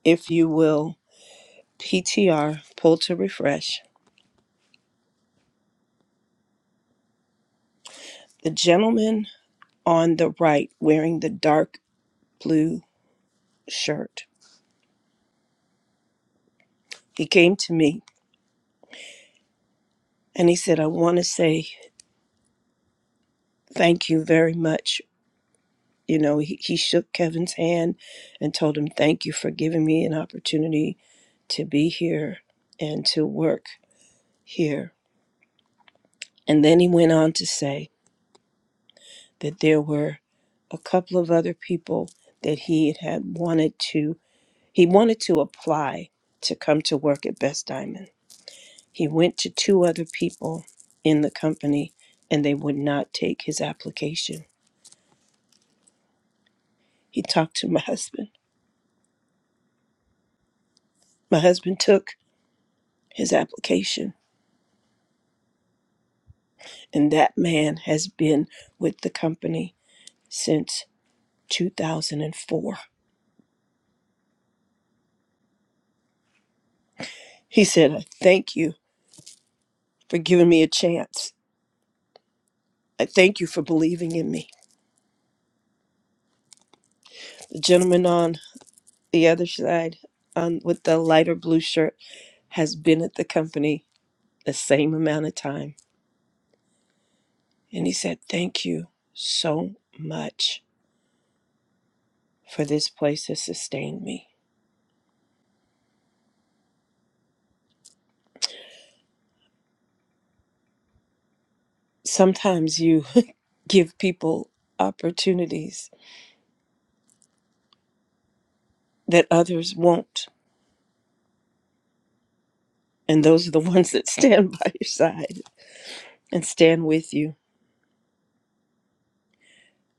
S4: If you will, PTR, pull to refresh. The gentleman on the right wearing the dark blue shirt, he came to me and he said, I want to say thank you very much You know, he, he shook Kevin's hand and told him, Thank you for giving me an opportunity to be here and to work here. And then he went on to say that there were a couple of other people that he had, had wanted to he wanted to apply to come to work at Best Diamond. He went to two other people in the company and they would not take his application. He talked to my husband. My husband took his application and that man has been with the company since 2004. He said, I thank you for giving me a chance. I thank you for believing in me. The gentleman on the other side on with the lighter blue shirt has been at the company the same amount of time. And he said, Thank you so much for this place has sustained me. Sometimes you (laughs) give people opportunities that others won't And those are the (laughs) ones that stand by your side and stand with you.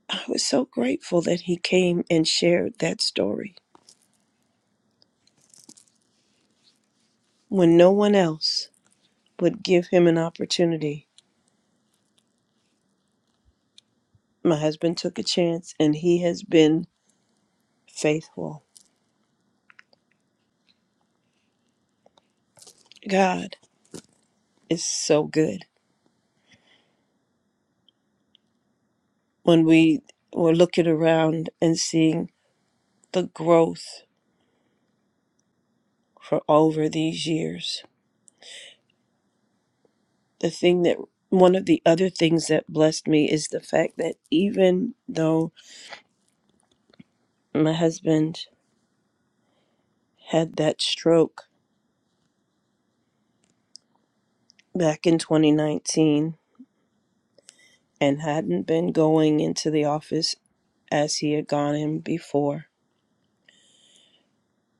S4: I was so grateful that he came and shared that story when no one else would give him an opportunity. My husband took a chance and he has been faithful. God is so good. When we were looking around and seeing the growth for over these years, the thing that one of the other things that blessed me is the fact that even though my husband had that stroke back in 2019 and hadn't been going into the office as he had gone in before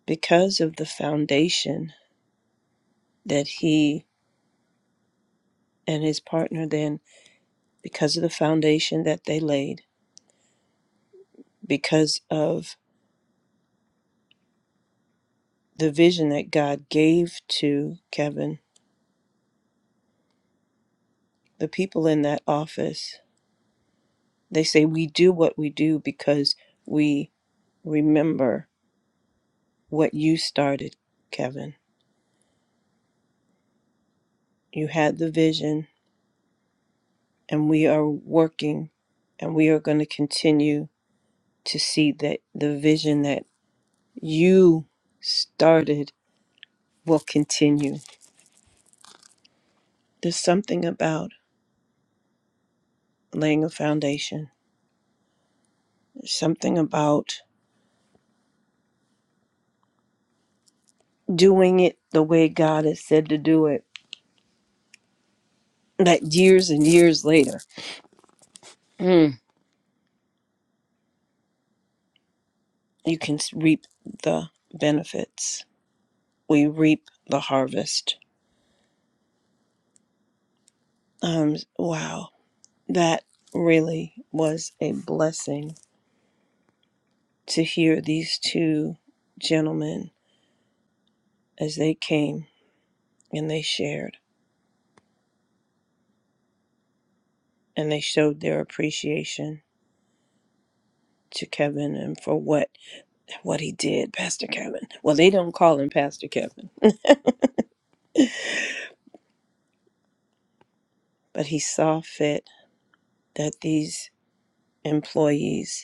S4: because of the foundation that he and his partner then because of the foundation that they laid because of the vision that God gave to Kevin the people in that office they say we do what we do because we remember what you started Kevin you had the vision and we are working and we are going to continue to see that the vision that you started will continue. There's something about laying a foundation, There's something about doing it the way God has said to do it, that years and years later, you can reap the benefits. We reap the harvest. Um, wow, that really was a blessing to hear these two gentlemen as they came and they shared and they showed their appreciation to Kevin and for what what he did, Pastor Kevin. Well, they don't call him Pastor Kevin, but he saw fit that these employees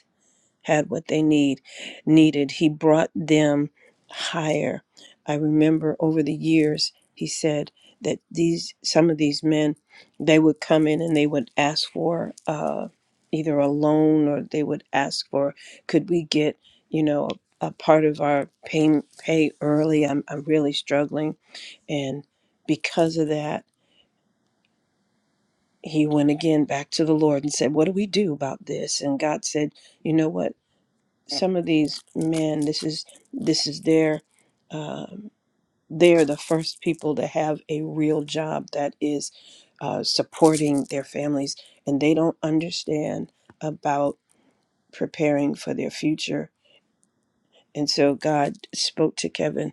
S4: had what they need needed. He brought them higher. I remember over the years he said that these some of these men they would come in and they would ask for uh, either a loan or they would ask for could we get you know a, a part of our pay pay early. I'm I'm really struggling and because of that he went again back to the Lord and said, What do we do about this? And God said, You know what? some of these men this is this is their um, they're the first people to have a real job that is uh, supporting their families and they don't understand about preparing for their future and so god spoke to kevin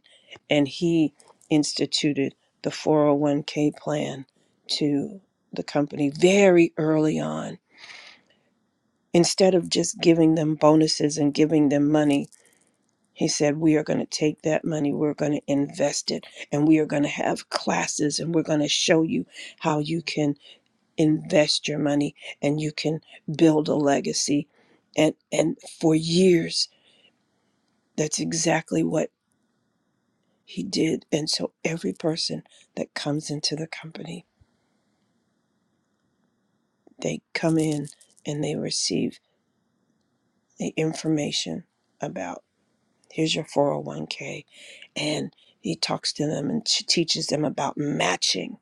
S4: and he instituted the 401k plan to the company very early on instead of just giving them bonuses and giving them money He said, We are going to take that money, we're going to invest it, and we are going to have classes, and we're going to show you how you can invest your money and you can build a legacy. And, and for years, that's exactly what he did. And so every person that comes into the company, they come in and they receive the information about here's your 401k. And he talks to them and teaches them about matching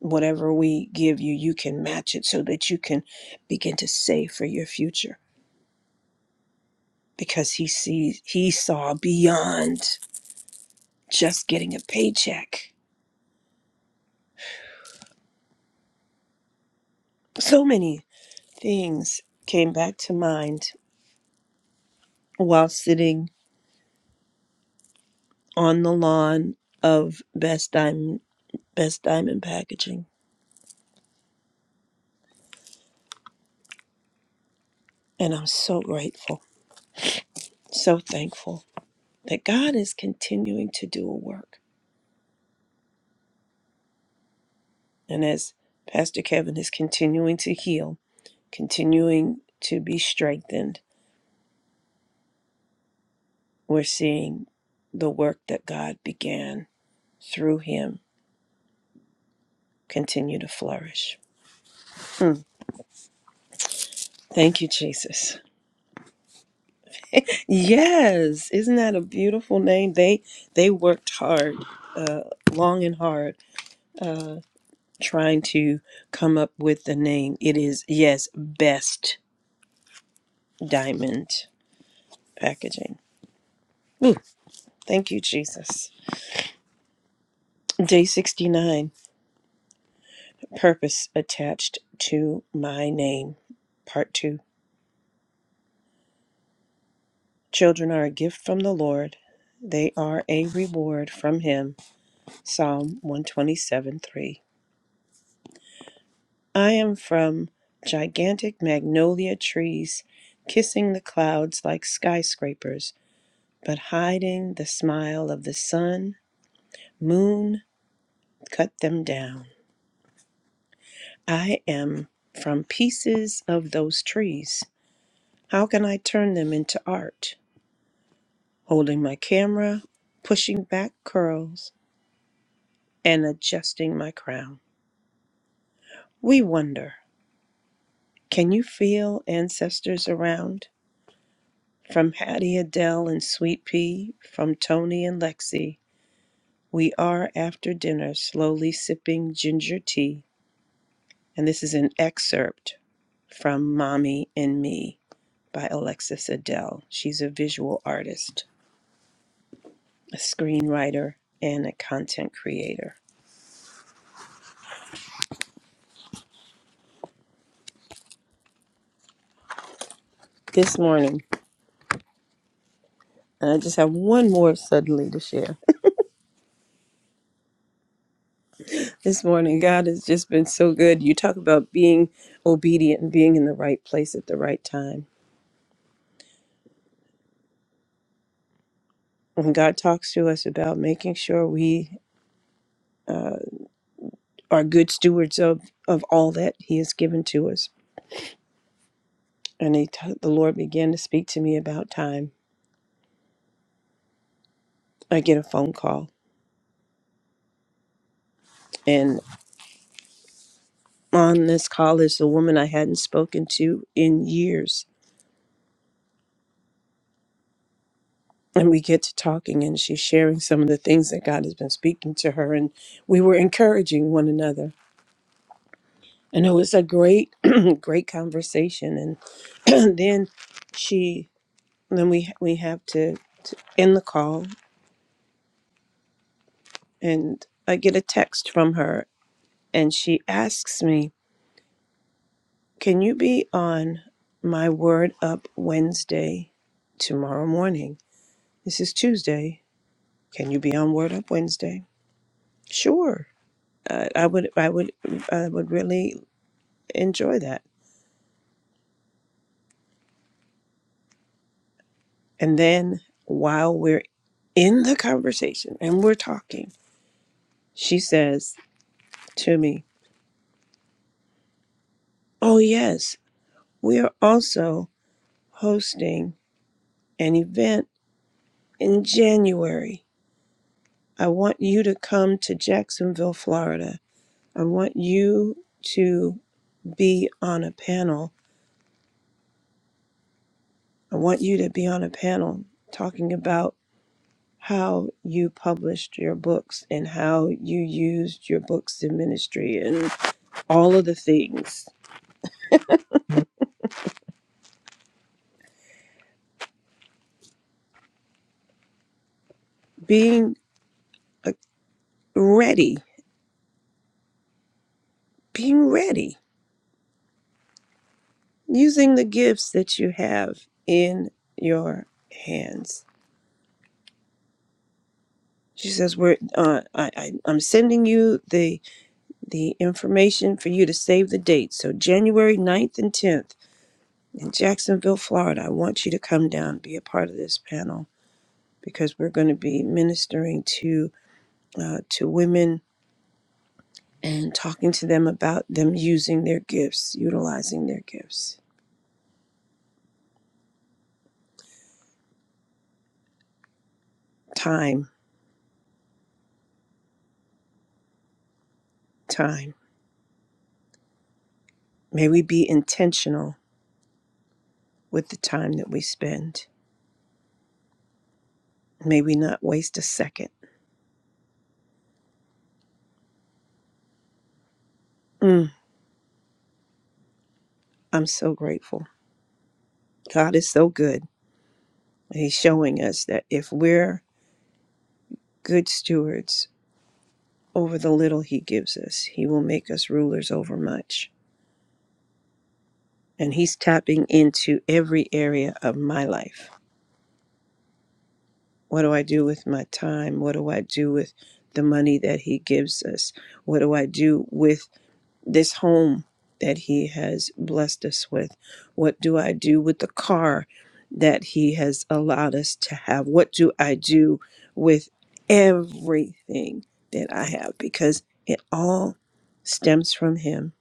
S4: Whatever we give you, you can match it so that you can begin to save for your future because he sees he saw beyond just getting a paycheck. So many things came back to mind while sitting on the lawn of Best Diamond Best Diamond Packaging. And I'm so grateful, so thankful that God is continuing to do a work. And as Pastor Kevin is continuing to heal, continuing to be strengthened. We're seeing the work that God began through him continue to flourish. Hmm. Thank you, Jesus. Yes, isn't that a beautiful name? They they worked hard, uh, long and hard, uh, trying to come up with the name. It is yes, best diamond packaging. Ooh, thank you, Jesus. Day sixty nine. purpose attached to my name. Part 2. Children are a gift from the Lord, they are a reward from Him. Psalm 127 3. I am from gigantic magnolia trees, kissing the clouds like skyscrapers, but hiding the smile of the sun, moon, cut them down. I am from pieces of those trees. How can I turn them into art? holding my camera, pushing back curls, and adjusting my crown. We wonder can you feel ancestors around? From Hattie Adele and Sweet Pea, from Tony and Lexi, we are after dinner slowly sipping ginger tea. And this is an excerpt from Mommy and Me by Alexis Adele. She's a visual artist, a screenwriter, and a content creator. This morning, And I just have one more suddenly to share. This morning, God has just been so good. You talk about being obedient and being in the right place at the right time. When God talks to us about making sure we uh, are good stewards of, of all that He has given to us. And he t- the Lord began to speak to me about time. I get a phone call. And on this call is a woman I hadn't spoken to in years and we get to talking and she's sharing some of the things that God has been speaking to her and we were encouraging one another and it was a great (clears throat) great conversation and (clears throat) then she then we we have to end the call and I get a text from her and she asks me can you be on my word up Wednesday tomorrow morning this is Tuesday can you be on word up Wednesday sure uh, I would I would I would really enjoy that. And then while we're in the conversation and we're talking, she says to me, Oh, yes, we are also hosting an event in January. I want you to come to Jacksonville, Florida. I want you to be on a panel. I want you to be on a panel talking about how you published your books and how you used your books in ministry and." all of the things, being uh, ready, being ready, using the gifts that you have in your hands. She says, "We're uh, I, I, I'm sending you the the information for you to save the date. So January ninth and 10th in Jacksonville, Florida. I want you to come down, and be a part of this panel because we're going to be ministering to uh, to women and talking to them about them using their gifts, utilizing their gifts." Time, time. May we be intentional with the time that we spend. May we not waste a second. Mm, I'm so grateful. God is so good. He's showing us that if we're good stewards over the little He gives us, He will make us rulers over much. And He's tapping into every area of my life. What do I do with my time? What do I do with the money that He gives us? What do I do with this home that he has blessed us with? What do I do with the car that he has allowed us to have? What do I do with everything that I have? Because it all stems from him.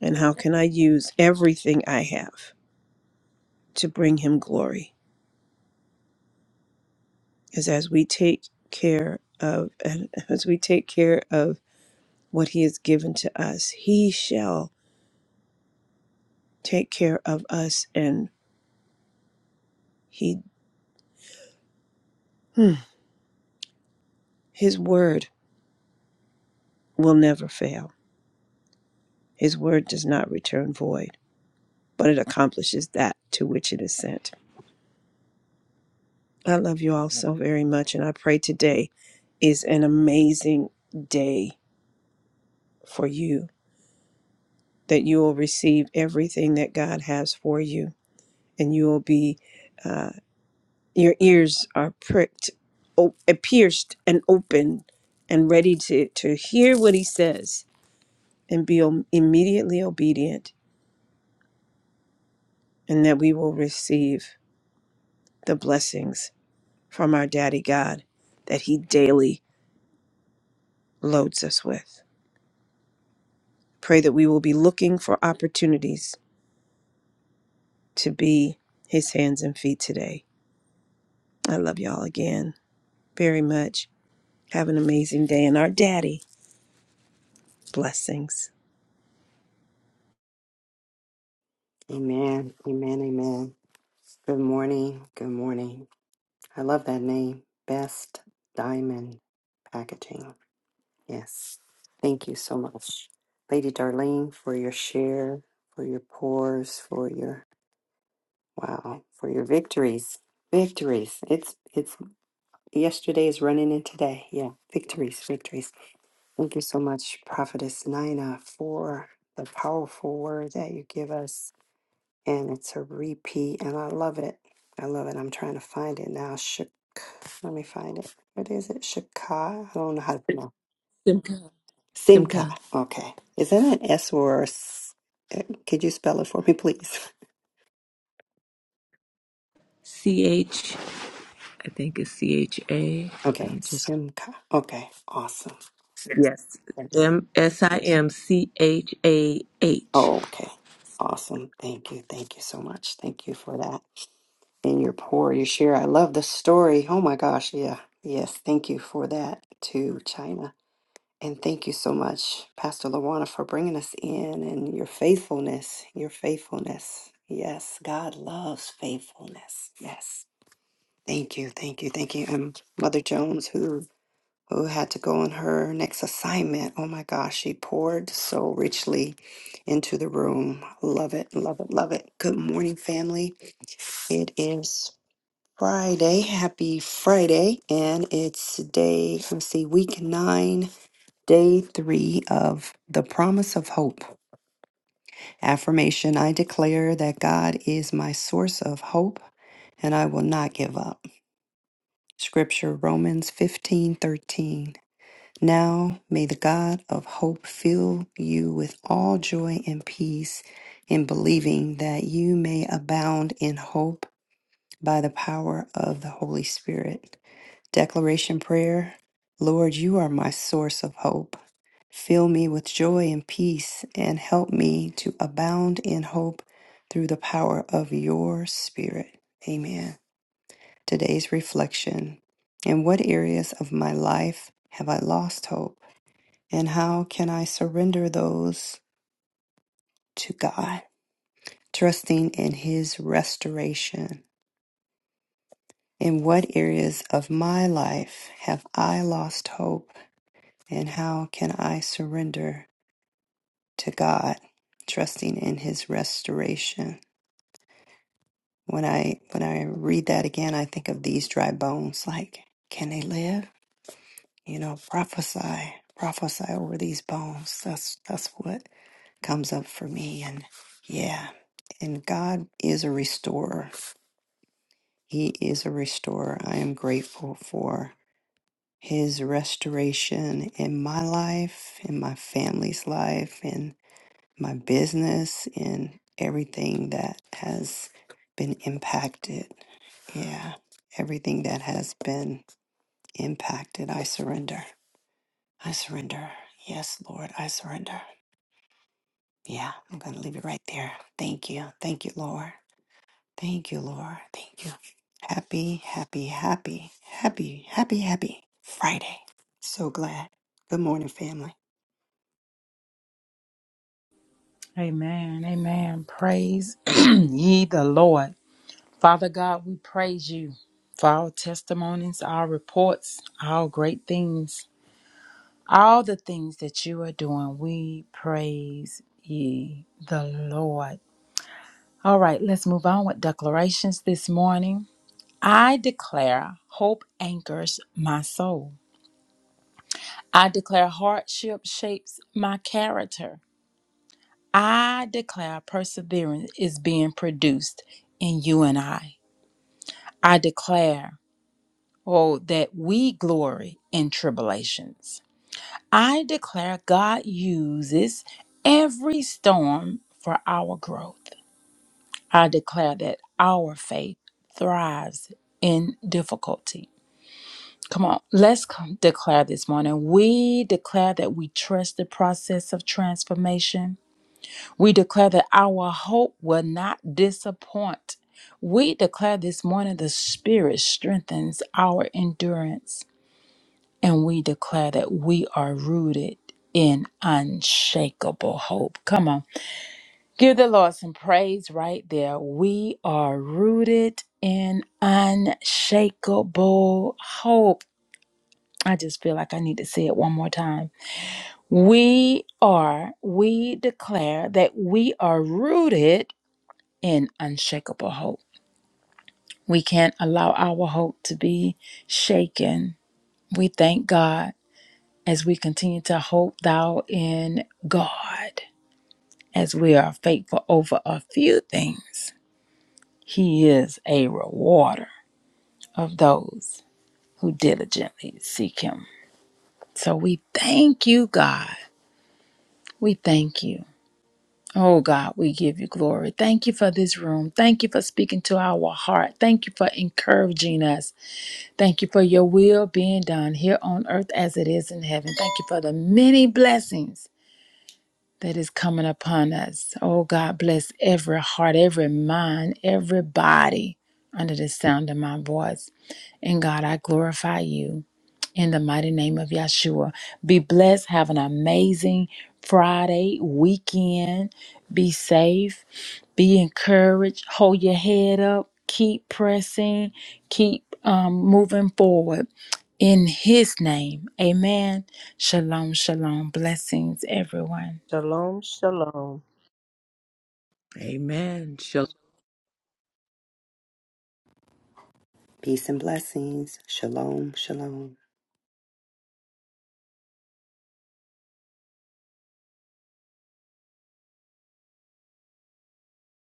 S4: And how can I use everything I have to bring him glory? Because as we take care of and as we take care of what he has given to us, he shall take care of us and he hmm, His word will never fail. His word does not return void, but it accomplishes that to which it is sent. I love you all so very much, and I pray today is an amazing day for you, that you will receive everything that God has for you, and you will be, uh, your ears are pricked, o- pierced, and open, and ready to, to hear what He says and be om- immediately obedient, and that we will receive. the blessings from our Daddy God that He daily loads us with. Pray that we will be looking for opportunities to be His hands and feet today. I love y'all again very much. Have an amazing day, and our Daddy blessings.
S5: Amen. Amen. Amen. Good morning. Good morning. I love that name. Best Diamond Packaging. Yes. Thank you so much, Lady Darlene, for your share, for your pores, for your wow, for your victories. Victories. It's it's yesterday is running in today. Yeah. Victories. Victories. Thank you so much, Prophetess Nina, for the powerful word that you give us and it's a repeat and I love it. I love it. I'm trying to find it now. Shik let me find it. What is it? Shika? I don't know how to pronounce
S3: Simcha.
S5: Sinka.
S3: Simcha.
S5: Okay. Is that an S or a S? Uh, Could you spell it for me, please? (laughs)
S3: C H, I think it's C H A. Let
S5: Okay.
S3: me just.
S5: Simka. Okay. Awesome. Yes.
S3: Yes. M S I M C H A H.
S5: Okay. Awesome. Thank you. Thank you so much. Thank you for that. And your pour, your share. I love the story. Oh my gosh. Yeah. Yes. Thank you for that to China. And thank you so much, Pastor Lawana, for bringing us in and your faithfulness, your faithfulness. Yes, God loves faithfulness. Yes. Thank you, thank you, thank you. And Mother Jones, who who had to go on her next assignment. Oh my gosh, she poured so richly into the room. Love it, love it, love it. Good morning, family. It is Friday. Happy Friday. And it's day, let me see, week nine Day three of the promise of hope. Affirmation I declare that God is my source of hope and I will not give up. Scripture Romans fifteen thirteen. Now may the God of hope fill you with all joy and peace in believing that you may abound in hope by the power of the Holy Spirit. Declaration Prayer Lord, you are my source of hope. Fill me with joy and peace, and help me to abound in hope through the power of your Spirit. Amen. Today's reflection In what areas of my life have I lost hope, and how can I surrender those to God, trusting in His restoration? In what areas of my life have I lost hope? And how can I surrender to God, trusting in his restoration? When I when I read that again, I think of these dry bones like, can they live? You know, prophesy, prophesy over these bones. That's that's what comes up for me and yeah. And God is a restorer. He is a restorer. I am grateful for his restoration in my life, in my family's life, and. my business and everything that has been impacted. Yeah, everything that has been impacted, I surrender. I surrender. Yes, Lord, I surrender. Yeah, I'm going to leave it right there. Thank you. Thank you, Lord. Thank you, Lord. Thank you. Happy, happy, happy, happy, happy, happy Friday. So glad. Good morning, family.
S1: Amen. Amen. Praise (clears throat) ye the Lord. Father God, we praise you for our testimonies, our reports, our great things. All the things that you are doing, we praise ye the Lord. All right, let's move on with declarations this morning. I declare hope anchors my soul. I declare hardship shapes my character. I declare perseverance is being produced in you and I. I declare, oh, that we glory in tribulations. I declare God uses every storm for our growth. I declare that our faith thrives in difficulty. Come on, let's come declare this morning. We declare that we trust the process of transformation. We declare that our hope will not disappoint. We declare this morning the Spirit strengthens our endurance and we declare that we are rooted in unshakable hope. Come on, give the Lord some praise right there. We are rooted in unshakable hope. I just feel like I need to say it one more time. We are, we declare that we are rooted in unshakable hope. We can't allow our hope to be shaken. We thank God as we continue to hope thou in God, as we are faithful over a few things. He is a rewarder of those who diligently seek him. So we thank you, God. We thank you. Oh God, we give you glory. Thank you for this room. Thank you for speaking to our heart. Thank you for encouraging us. Thank you for your will being done here on earth as it is in heaven. Thank you for the many blessings that is coming upon us. Oh God, bless every heart, every mind, every body under the sound of my voice. And God, I glorify you in the mighty name of Yeshua. Be blessed. Have an amazing Friday weekend. Be safe. Be encouraged. Hold your head up. Keep pressing. Keep um, moving forward. In his name, amen. Shalom, shalom. Blessings, everyone.
S4: Shalom, shalom.
S3: Amen. Shalom.
S5: Peace and blessings. Shalom, shalom.